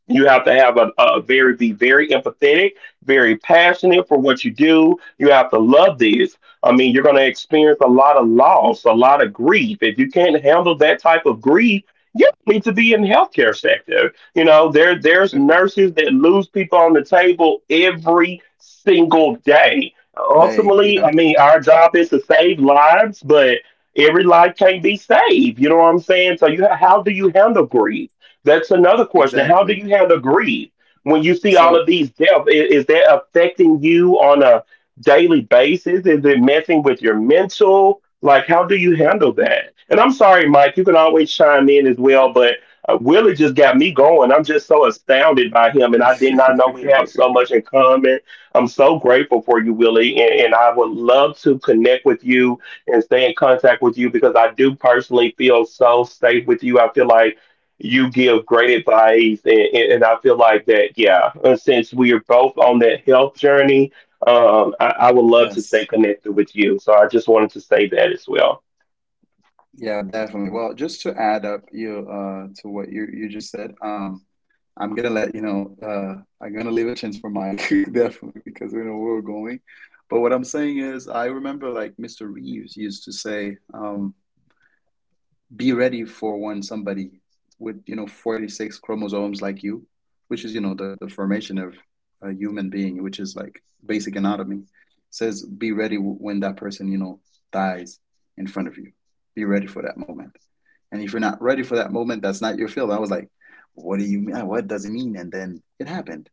[SPEAKER 1] You have to have a very be very empathetic, very passionate for what you do. You have to love this. I mean, you're going to experience a lot of loss, a lot of grief. If you can't handle that type of grief, you don't need to be in the healthcare sector. You know, there there's nurses that lose people on the table every single day.
[SPEAKER 2] They, yeah,
[SPEAKER 1] Ultimately, I mean, our job is to save lives, but every life can't be saved. You know what I'm saying? So, you how do you handle grief? That's another question. How
[SPEAKER 2] exactly.
[SPEAKER 1] do you handle grief when you see all
[SPEAKER 2] So,
[SPEAKER 1] of these deaths? Is that affecting you on a daily basis? Is it messing with your mental? Like, how do you handle that? And I'm sorry, Mike, you can always chime in as well, but Willie just got me going. I'm just so astounded by him, and I did not know we have so much in common. I'm so grateful for you, Willie, and I would love to connect with you and stay in contact with you because I do personally feel so safe with you. I feel like you give great advice, and I feel like that yeah and since we are both on that health journey I would love to stay
[SPEAKER 2] yes.
[SPEAKER 1] connected with you, so I just wanted to say that as well.
[SPEAKER 2] Yeah, definitely. Well, just to add up you to what you just said, I'm gonna let you know I'm gonna leave a chance for Mike definitely because we know where we're going. But what I'm saying is I remember like Mr. Reeves used to say, be ready for when somebody with, you know, 46 chromosomes like you, which is, you know, the formation of a human being, which is like basic anatomy, says be ready when that person, you know, dies in front of you. Be ready for that moment. And if you're not ready for that moment, that's not your field. I was like, what do you mean? What does it mean? And then it happened.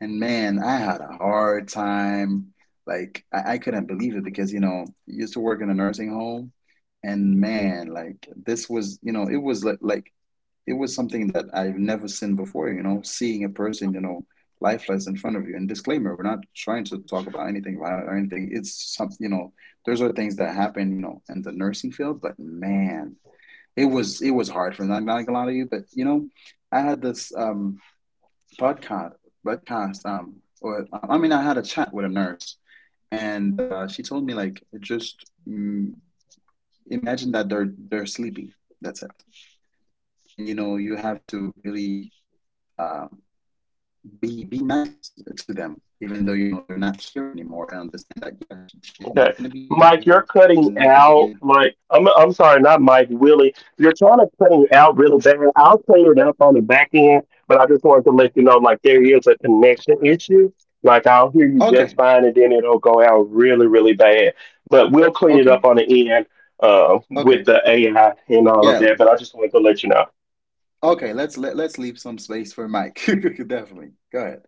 [SPEAKER 2] And man, I had a hard time. Like, I couldn't believe it because, you know, I used to work in a nursing home. And man, like, this was, you know, it was like it was something that I've never seen before, you know, seeing a person, you know, lifeless in front of you. And disclaimer, we're not trying to talk about anything violent or anything. It's some, you know, those are things that happen, you know, in the nursing field. But man, it was hard for me. I'm not gonna lie to you, but you know, I had this podcast podcast or I mean I had a chat with a nurse and she told me like just imagine that they're sleepy. That's it. And you know you have to really um be nice to them, even though you know they're not here anymore. I understand that. Yeah, she's
[SPEAKER 1] Okay.
[SPEAKER 2] not gonna be here
[SPEAKER 1] Mike, you're
[SPEAKER 2] anymore. She's
[SPEAKER 1] cutting
[SPEAKER 2] not gonna be
[SPEAKER 1] out
[SPEAKER 2] in.
[SPEAKER 1] like I'm sorry, not Mike, Willie. You're trying to cutting out really bad. I'll clean it up on the back end, but I just wanted to let you know like there is a connection issue. Like I'll hear you just
[SPEAKER 2] Okay,
[SPEAKER 1] fine, and then it'll go out really, really bad. But we'll clean it up
[SPEAKER 2] okay,
[SPEAKER 1] on the end with
[SPEAKER 2] okay.
[SPEAKER 1] the AI and all of
[SPEAKER 2] Yeah,
[SPEAKER 1] that. But I just wanted to let you know.
[SPEAKER 2] okay, let's leave some space for Mike. Definitely. Go ahead.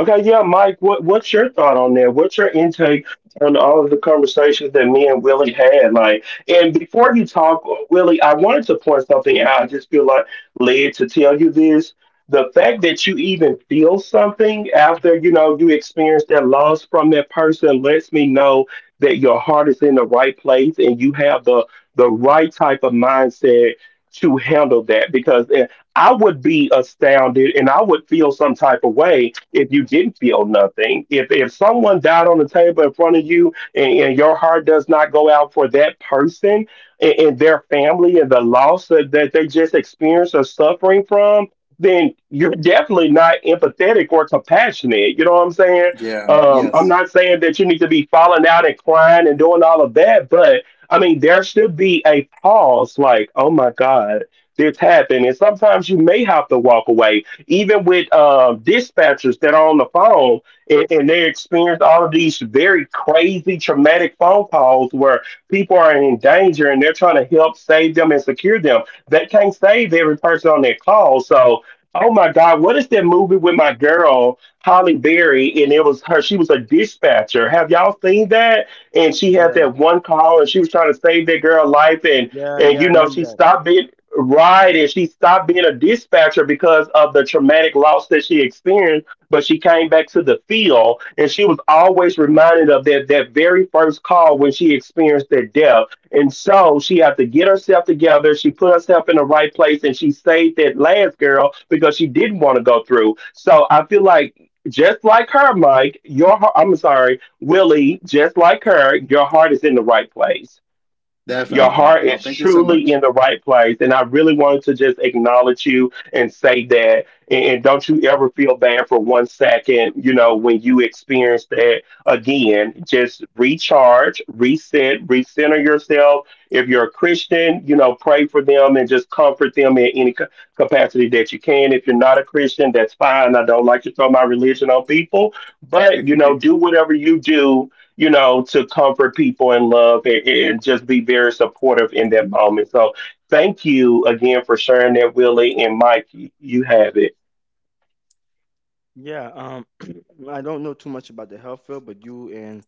[SPEAKER 1] Okay, yeah, Mike, what's your thought on that? What's your intake on all of the conversations that me and Willie had? Like, and before
[SPEAKER 3] Well,
[SPEAKER 1] you talk, Willie, I wanted to point something out. I just feel like led to tell you this. The fact that you even feel something after, you know, you experience that loss from that person lets me know that your heart is in the right place and you have the right type of mindset to handle that. Because I would be astounded and I would feel some type of way if you didn't feel nothing. If someone died on the table in front of you and your heart does not go out for that person and their family and the loss that, that they just experienced or suffering from, then you're definitely not empathetic or compassionate. You know what I'm saying?
[SPEAKER 2] Yeah,
[SPEAKER 1] I'm
[SPEAKER 2] yes,
[SPEAKER 1] not saying that you need to be falling out and crying and doing all of that, but I mean, there should be a pause like, oh my God, that's happened. And sometimes you may have to walk away, even with dispatchers that are on the phone and they experience all of these very crazy traumatic phone calls where people are in danger and they're trying to help save them and secure them. They can't save every person on their call. So, oh my God, what is that movie with my girl? Holly Berry, and it was her. She was a dispatcher. Have y'all seen that? And she had
[SPEAKER 3] yeah,
[SPEAKER 1] that one call, and she was trying to save that girl's life,
[SPEAKER 3] yeah,
[SPEAKER 1] and
[SPEAKER 3] yeah.
[SPEAKER 1] you
[SPEAKER 3] I
[SPEAKER 1] know
[SPEAKER 3] remember
[SPEAKER 1] she
[SPEAKER 3] that.
[SPEAKER 1] stopped it. Right, and she stopped being a dispatcher because of the traumatic loss that she experienced, but she came back to the field, and she was always reminded of that that very first call when she experienced that death. And so she had to get herself together, she put herself in the right place and she saved that last girl because she didn't want to go through. So I feel like just like her, Mike, your heart, I'm sorry, Willie, just like her, your heart is in the right place. Your
[SPEAKER 2] definitely.
[SPEAKER 1] heart
[SPEAKER 2] Oh,
[SPEAKER 1] is
[SPEAKER 2] thank you so
[SPEAKER 1] truly in
[SPEAKER 2] much.
[SPEAKER 1] the right place. And I really wanted to just acknowledge you and say that. And don't you ever feel bad for 1 second, when you experience that again. Just recharge, reset, recenter yourself. If you're a Christian, pray for them and just comfort them in any capacity that you can. If you're not a Christian, that's fine. I don't like to throw my religion on people, but, do whatever you do, to comfort people and love and just be very supportive in that moment. So thank you again for sharing that, Willie and Mike. You have it.
[SPEAKER 3] Yeah. I don't know too much about the health field, but you and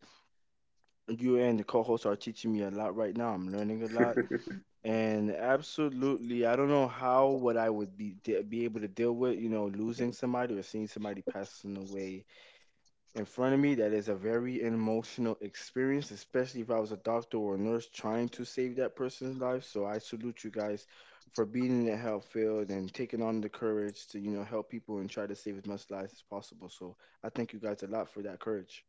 [SPEAKER 3] you and the co-host are teaching me a lot right now. I'm learning a lot. And absolutely, I don't know how what I would be be able to deal with, you know, losing somebody or seeing somebody passing away in front of me. That is a very emotional experience, especially if I was a doctor or a nurse trying to save that person's life. So I salute you guys for being in the health field and taking on the courage to, you know, help people and try to save as much lives as possible. So I thank you guys a lot for that courage.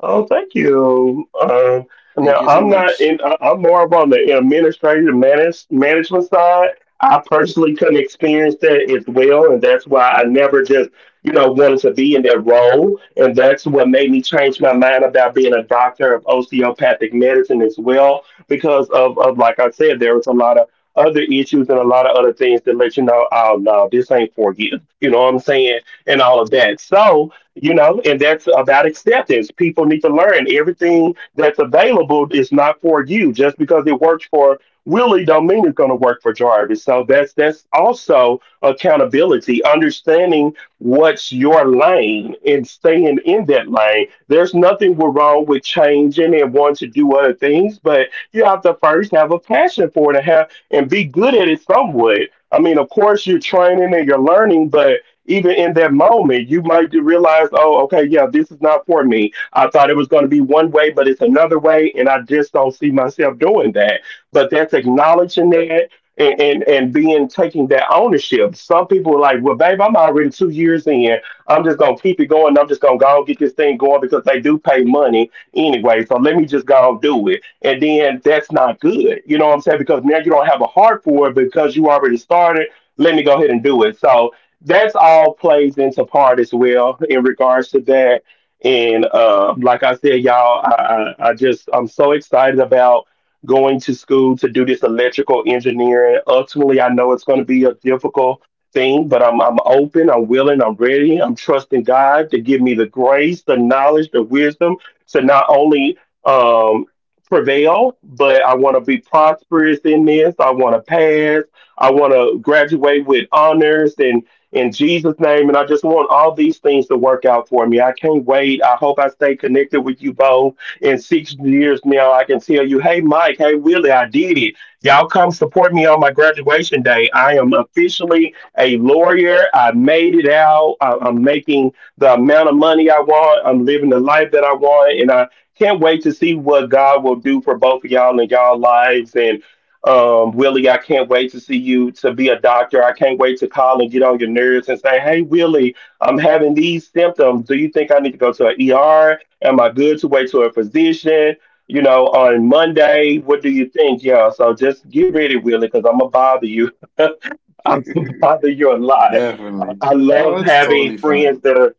[SPEAKER 1] Oh, thank you. Now
[SPEAKER 2] Thank you so
[SPEAKER 1] I'm not
[SPEAKER 2] much.
[SPEAKER 1] in. I'm more of on the administrative manage, management side. I personally couldn't experience that as well, and that's why I never just, wanted to be in that role. And that's what made me change my mind about being a doctor of osteopathic medicine as well, because of like I said, there was a lot of other issues and a lot of other things that let you know, oh no, this ain't for you. You know what I'm saying? And all of that. So you know, and that's about acceptance. People need to learn everything that's available is not for you. Just because it works for Willie, don't mean it's going to work for Jarvis. So that's also accountability, understanding what's your lane and staying in that lane. There's nothing wrong with changing and wanting to do other things, but you have to first have a passion for it and have and be good at it somewhat. I mean, of course, you're training and you're learning, but even in that moment, you might realize, oh, okay, yeah, this is not for me. I thought it was going to be one way, but it's another way, and I just don't see myself doing that. But that's acknowledging that and being taking that ownership. Some people are like, well, babe, I'm already 2 years in. I'm just gonna keep it going. I'm just gonna go and get this thing going because they do pay money anyway. So let me just go and do it. And then that's not good. You know what I'm saying? Because now you don't have a heart for it because you already started. Let me go ahead and do it. So that's all plays into part as well in regards to that. And like I said, y'all, I'm so excited about going to school to do this electrical engineering. Ultimately, I know it's going to be a difficult thing, but I'm open, I'm willing, I'm ready, I'm trusting God to give me the grace, the knowledge, the wisdom to not only um, prevail, but I want to be prosperous in this. I want to pass. I want to graduate with honors and in Jesus' name. And I just want all these things to work out for me. I can't wait. I hope I stay connected with you both. In 6 years now, I can tell you, hey, Mike, hey, Willie, I did it. Y'all come support me on my graduation day. I am officially a lawyer. I made it out. I'm making the amount of money I want. I'm living the life that I want. And I can't wait to see what God will do for both of y'all in y'all lives. And Willie, I can't wait to see you to be a doctor. I can't wait to call and get on your nerves and say, hey, Willie, I'm having these symptoms. Do you think I need to go to an ER? Am I good to wait to a physician? You know, on Monday, what do you think? Yeah, so just get ready, Willie, because I'm gonna bother you. I'm gonna
[SPEAKER 2] Definitely.
[SPEAKER 1] bother you a lot. I I
[SPEAKER 2] No,
[SPEAKER 1] love
[SPEAKER 2] it's
[SPEAKER 1] having
[SPEAKER 2] totally fine.
[SPEAKER 1] friends that are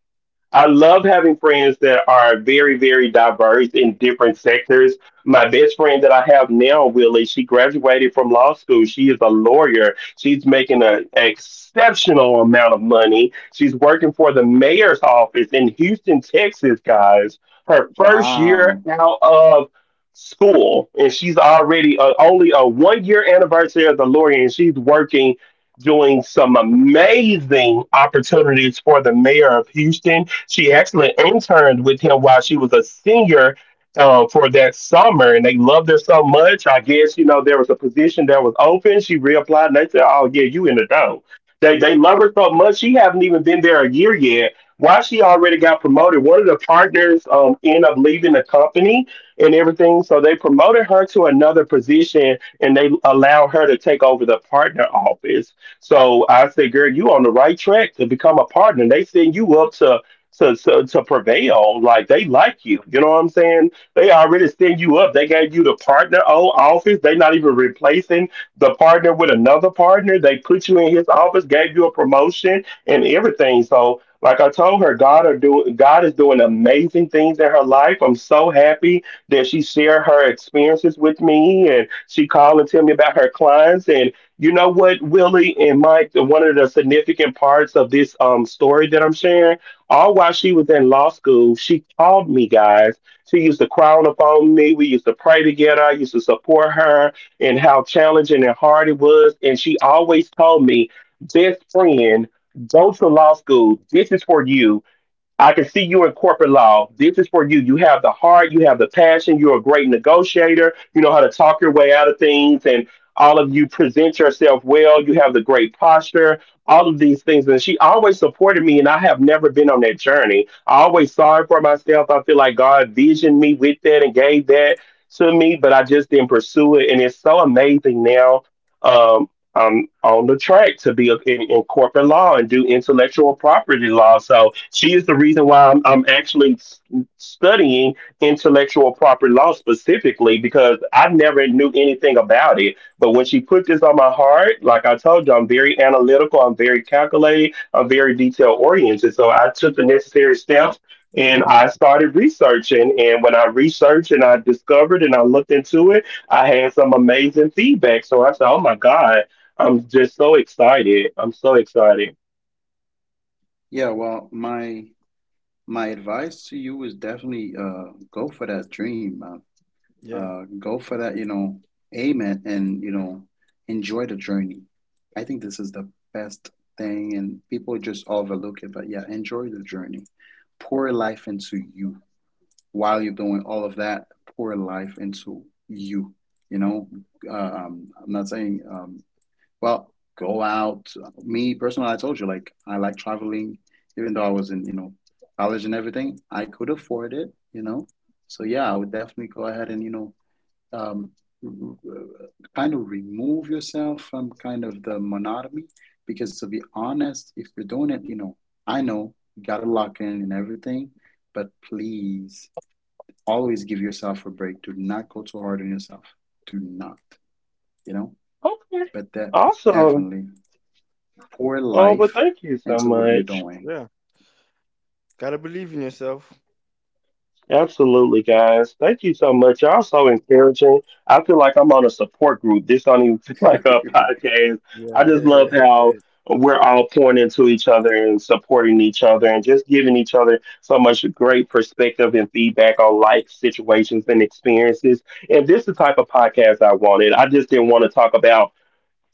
[SPEAKER 1] I love having friends that are very, very diverse in different sectors. My best friend that I have now, Willie, she graduated from law school. She is a lawyer. She's making an exceptional amount of money. She's working for the mayor's office in Houston, Texas, guys. Her first year
[SPEAKER 2] Wow.
[SPEAKER 1] out of school, and she's already only a 1 year anniversary as a lawyer, and she's working doing some amazing opportunities for the mayor of Houston. She actually interned with him while she was a senior for that summer, and they loved her so much. I guess you know there was a position that was open. She reapplied, and they said, "Oh yeah, you in the dough." They love her so much. She haven't even been there a year yet. Why she already got promoted? One of the partners ended up leaving the company and everything, so they promoted her to another position, and they allowed her to take over the partner office. So I said, girl, you on the right track to become a partner. They send you up to to prevail. Like they like you. You know what I'm saying? They already stand you up. They gave you the partner office. They not even replacing the partner with another partner. They put you in his office, gave you a promotion and everything. So like I told her, God is doing amazing things in her life. I'm so happy that she shared her experiences with me and she called and tell me about her clients. And you know what, Willie and Mike, one of the significant parts of this story that I'm sharing, all while she was in law school, she called me, guys. She used to cry on the phone with me. We used to pray together. I used to support her and how challenging and hard it was. And she always told me, best friend, go to law school. This is for you. I can see you in corporate law. This is for you. You have the heart, you have the passion, you're a great negotiator, you know how to talk your way out of things, and all of you present yourself well, you have the great posture, all of these things. And she always supported me, and I have never been on that journey. I always saw it for myself. I feel like God visioned me with that and gave that to me, but I just didn't pursue it. And it's so amazing now. um, I'm on the track to be in corporate law and do intellectual property law. So she is the reason why I'm actually studying intellectual property law specifically because I never knew anything about it. But when she put this on my heart, like I told you, I'm very analytical, I'm very calculated, I'm very detail oriented. So I took the necessary steps and I started researching. And when I researched and I discovered and I looked into it, I had some amazing feedback. So I said, oh my God. I'm just so excited. I'm so excited.
[SPEAKER 2] Yeah, well, my advice to you is definitely go for that dream.
[SPEAKER 3] Yeah,
[SPEAKER 2] Go for that, you know, aim it and, you know, enjoy the journey. I think this is the best thing, and people just overlook it. But yeah, enjoy the journey. Pour life into you while you're doing all of that. Pour life into you. You know, I'm not saying, well, go out. Me personally, I told you, like, I like traveling, even though I was in, you know, college and everything, I could afford it, you know. So yeah, I would definitely go ahead and, you know, um, uh, kind of remove yourself from kind of the monotony because to be honest if you're doing it you know I know you gotta lock in and everything, but please always give yourself a break. Do not go too hard on yourself. Do not, you know,
[SPEAKER 1] Okay.
[SPEAKER 2] but that
[SPEAKER 1] Awesome.
[SPEAKER 2] definitely pour
[SPEAKER 1] Oh, well,
[SPEAKER 2] life
[SPEAKER 1] thank you so
[SPEAKER 2] into what you're
[SPEAKER 1] much.
[SPEAKER 2] doing.
[SPEAKER 3] yeah, gotta believe in yourself.
[SPEAKER 1] Absolutely, guys. Thank you so much. Y'all so encouraging. I feel like I'm on a support group. This don't even feel like a podcast. I
[SPEAKER 3] Yeah.
[SPEAKER 1] just love how we're all pouring into each other and supporting each other and just giving each other so much great perspective and feedback on life situations and experiences. And this is the type of podcast I wanted. I just didn't want to talk about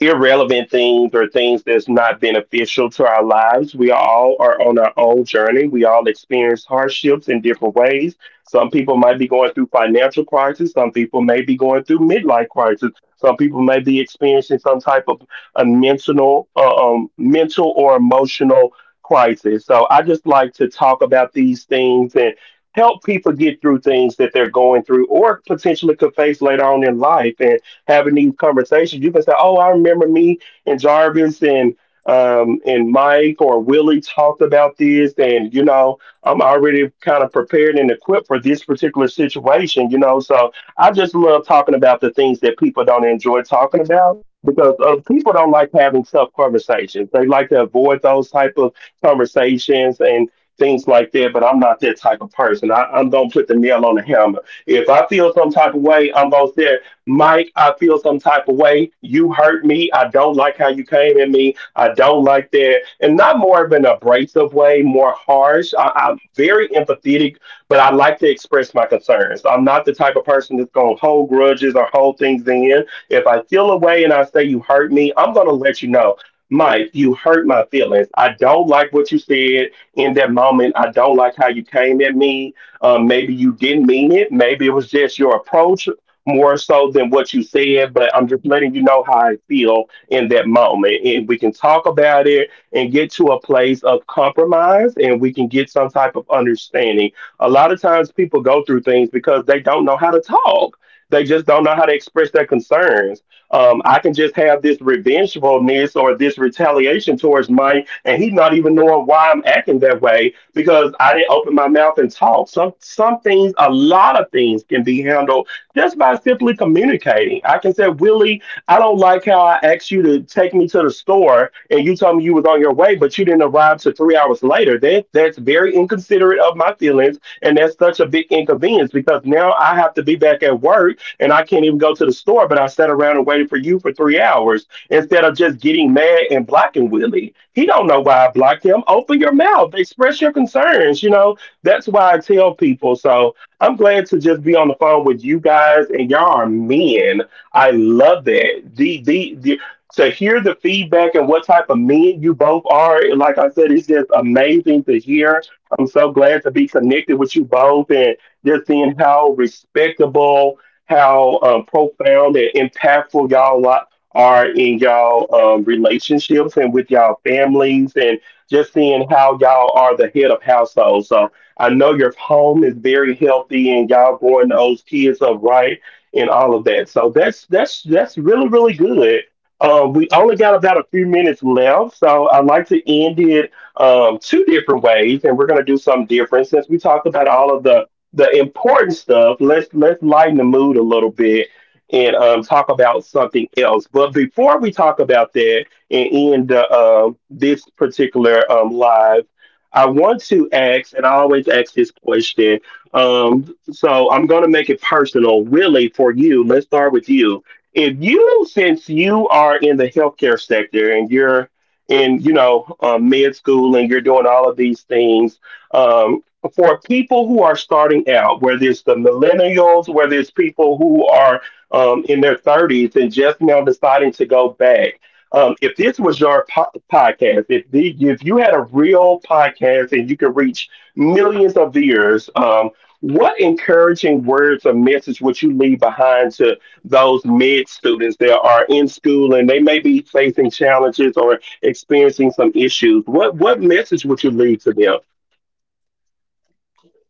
[SPEAKER 1] irrelevant things or things that's not beneficial to our lives. We all are on our own journey. We all experience hardships in different ways. Some people might be going through financial crisis. Some people may be going through midlife crisis. Some people may be experiencing some type of a mental, mental or emotional crisis. So I just like to talk about these things and help people get through things that they're going through or potentially could face later on in life. And having these conversations, you can say, "Oh, I remember me and Jarvis and Mike or Willie talked about this, and you know, I'm already kind of prepared and equipped for this particular situation." You know, so I just love talking about the things that people don't enjoy talking about because people don't like having tough conversations. They like to avoid those type of conversations and things like that. But I'm not that type of person. I don't put the nail on the hammer. If I feel some type of way, I'm gonna say. Mike, I feel some type of way. You hurt me. I don't like how you came at me. I don't like that. And not more of an abrasive way, more harsh. I'm very empathetic, but I like to express my concerns. I'm not the type of person that's going to hold grudges or hold things in. If I feel a way and I say you hurt me, I'm going to let you know. Mike, you hurt my feelings. I don't like what you said in that moment. I don't like how you came at me. Maybe you didn't mean it. Maybe it was just your approach more so than what you said, but I'm just letting you know how I feel in that moment. And we can talk about it and get to a place of compromise and we can get some type of understanding. A lot of times people go through things because they don't know how to talk. They just don't know how to express their concerns. I can just have this revengefulness or this retaliation towards Mike, and he's not even knowing why I'm acting that way because I didn't open my mouth and talk. Some things, a lot of things, can be handled just by simply communicating. I can say, Willie, I don't like how I asked you to take me to the store and you told me you was on your way, but you didn't arrive till 3 hours later. That's very inconsiderate of my feelings, and that's such a big inconvenience because now I have to be back at work and I can't even go to the store, but I sat around and waited for you for 3 hours instead of just getting mad and blocking Willie. He don't know why I blocked him. Open your mouth, express your concerns. That's why I tell people so I'm glad to just be on the phone with you guys, and y'all are men. I love that. The to hear the feedback and what type of men you both are, like I said, it's just amazing to hear. I'm so glad to be connected with you both and just seeing how respectable, how profound and impactful are in y'all relationships and with y'all families, and just seeing how y'all are the head of households. I know your home is very healthy and y'all growing those kids up right and all of that. So that's really good. We only got about a few minutes left, so I'd like to end it two different ways, and we're gonna do something different since we talked about all of the important stuff. Let's lighten the mood a little bit and talk about something else. But before we talk about that and end this particular live. I want to ask, and I always ask this question. So I'm going to make it personal, really, for you. Let's start with you. If you, Since you are in the healthcare sector and you're in, you know, med school and you're doing all of these things, um, for people who are starting out, whether it's the millennials, whether it's people who are in their 30s and just now deciding to go back, if this was your podcast, if you had a real podcast and you could reach millions of viewers, what encouraging words or message would you leave behind to those med students that are in school and they may be facing challenges or experiencing some issues? What message would you leave to them?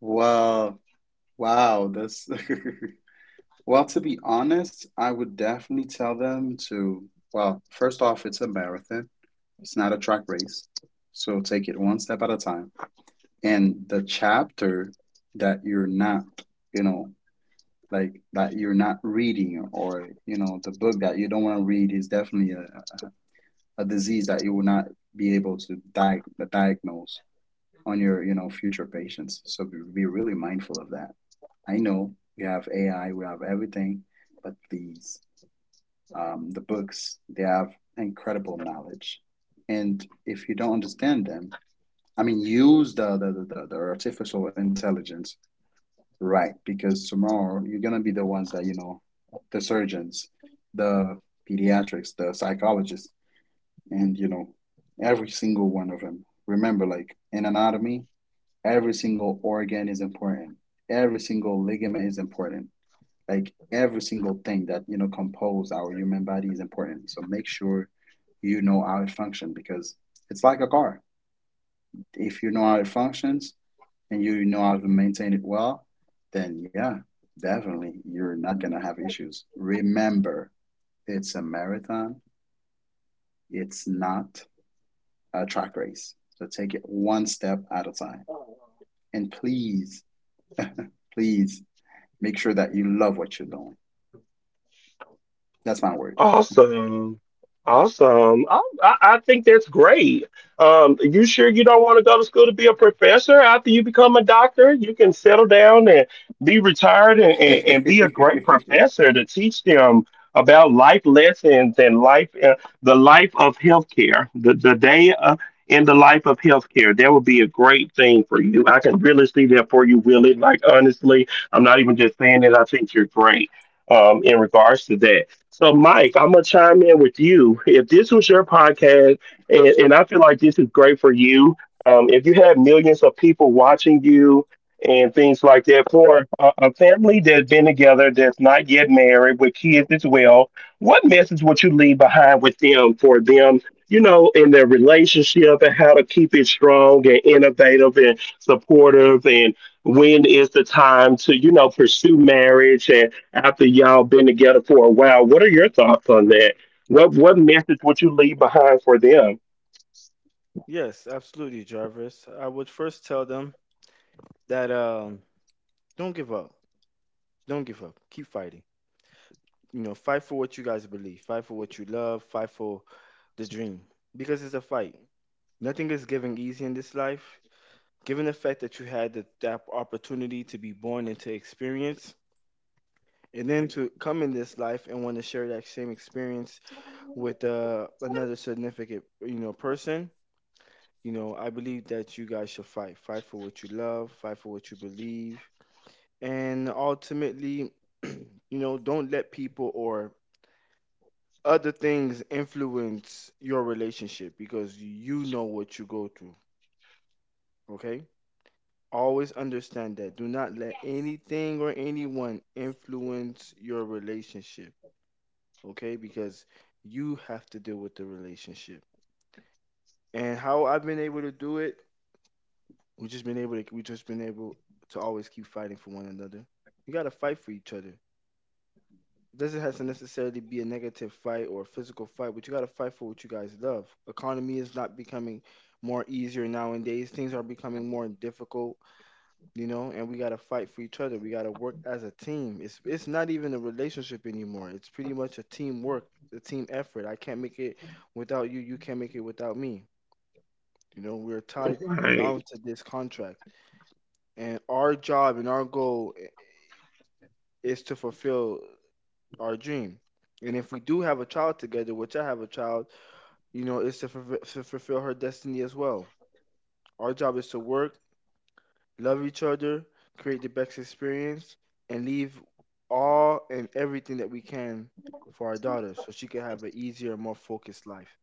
[SPEAKER 2] Well, wow, that's well, to be honest, I would definitely tell them to, well, first off, it's a marathon. It's not a track race. So take it one step at a time. And the chapter that you're not, you know, like that you're not reading or, you know, the book that you don't want to read is definitely a disease that you will not be able to di diagnose on your, you know, future patients. So be really mindful of that. I know we have AI, we have everything, but please the books. They have incredible knowledge, and if you don't understand them, I mean, use the artificial intelligence, right? Because tomorrow you're gonna be the ones that you know, the surgeons, the pediatrics, the psychologists, and you know every single one of them. Remember, like in anatomy, every single organ is important. Every single ligament is important, like every single thing that you know compose our human body is important, so make sure you know how it functions because it's like a car. If you know how it functions and you know how to maintain it well, then yeah, definitely you're not gonna have issues. Remember, it's a marathon, it's not a track race, so take it one step at a time. And please, please make sure that you love what you're doing. That's my word.
[SPEAKER 1] Awesome. Awesome. I think that's great. You sure you don't want to go to school to be a professor? After you become a doctor, you can settle down and be retired and be a great professor to teach them about life lessons and life, the life of healthcare, the day in the life of healthcare. That would be a great thing for you. I can really see that for you, Willie. Like, honestly, I'm not even just saying it. I think you're great in regards to that. So, Mike, I'm gonna chime in with you. If this was your podcast, and I feel like this is great for you, if you have millions of people watching you and things like that, for a family that's been together, that's not yet married, with kids as well, what message would you leave behind with them for them? You know, in their relationship and how to keep it strong and innovative and supportive, and when is the time to, you know, pursue marriage after y'all been together for a while. What are your thoughts on that? What message would you leave behind for them?
[SPEAKER 3] Yes, absolutely, Jarvis. I would first tell them that don't give up. Don't give up. Keep fighting. You know, fight for what you guys believe. Fight for what you love. Fight for the dream because it's a fight. Nothing is given easy in this life. Given the fact that you had the, that opportunity to be born and to experience, and then to come in this life and want to share that same experience with another significant, you know, person, you know, I believe that you guys should fight. Fight for what you love, fight for what you believe. And ultimately, you know, don't let people or other things influence your relationship because you know what you go through. Okay? Always understand that. Do not let anything or anyone influence your relationship. Okay? Because you have to deal with the relationship. And how I've been able to do it, we just been able to always keep fighting for one another. You gotta fight for each other. It doesn't have to necessarily be a negative fight or a physical fight, but you gotta fight for what you guys love. Economy is not becoming more easier nowadays. Things are becoming more difficult, you know, and we gotta fight for each other. We gotta work as a team. It's not even a relationship anymore. It's pretty much a teamwork, a team effort. I can't make it without you, you can't make it without me. You know, we're tied and
[SPEAKER 1] Right.
[SPEAKER 3] bound to this contract. And our job and our is to fulfill our dream. And if we do have a child together, which I have a child, you know, it's to, to fulfill her destiny as well. Our job is to work, love each other, create the best experience, and leave all and everything that we can for our daughter so she can have an easier, more focused life.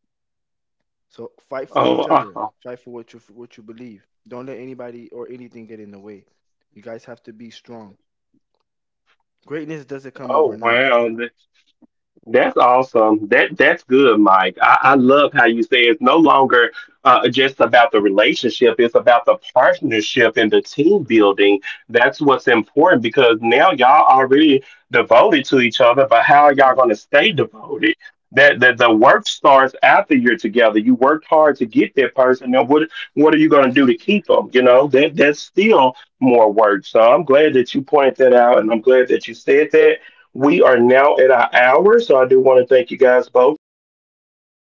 [SPEAKER 3] So fight for
[SPEAKER 1] Oh,
[SPEAKER 3] each other.
[SPEAKER 1] oh,
[SPEAKER 3] Fight for what you believe. Don't let anybody or anything get in the way. You guys have to be strong. Greatness doesn't come
[SPEAKER 1] oh,
[SPEAKER 3] overnight.
[SPEAKER 1] wow. That's awesome. That's good, Mike. I love how you say it's no longer just about the relationship; it's about the partnership and the team building. That's what's important because now y'all already devoted to each other, but how are y'all going to stay devoted? That the work starts after you're together. You worked hard to get that person. Now, what are you going to do to keep them? You know that that's still more work. So I'm glad that you pointed that out, and I'm glad that you said that we are now at our hour, so I do want to thank you guys both for joining the Safe Place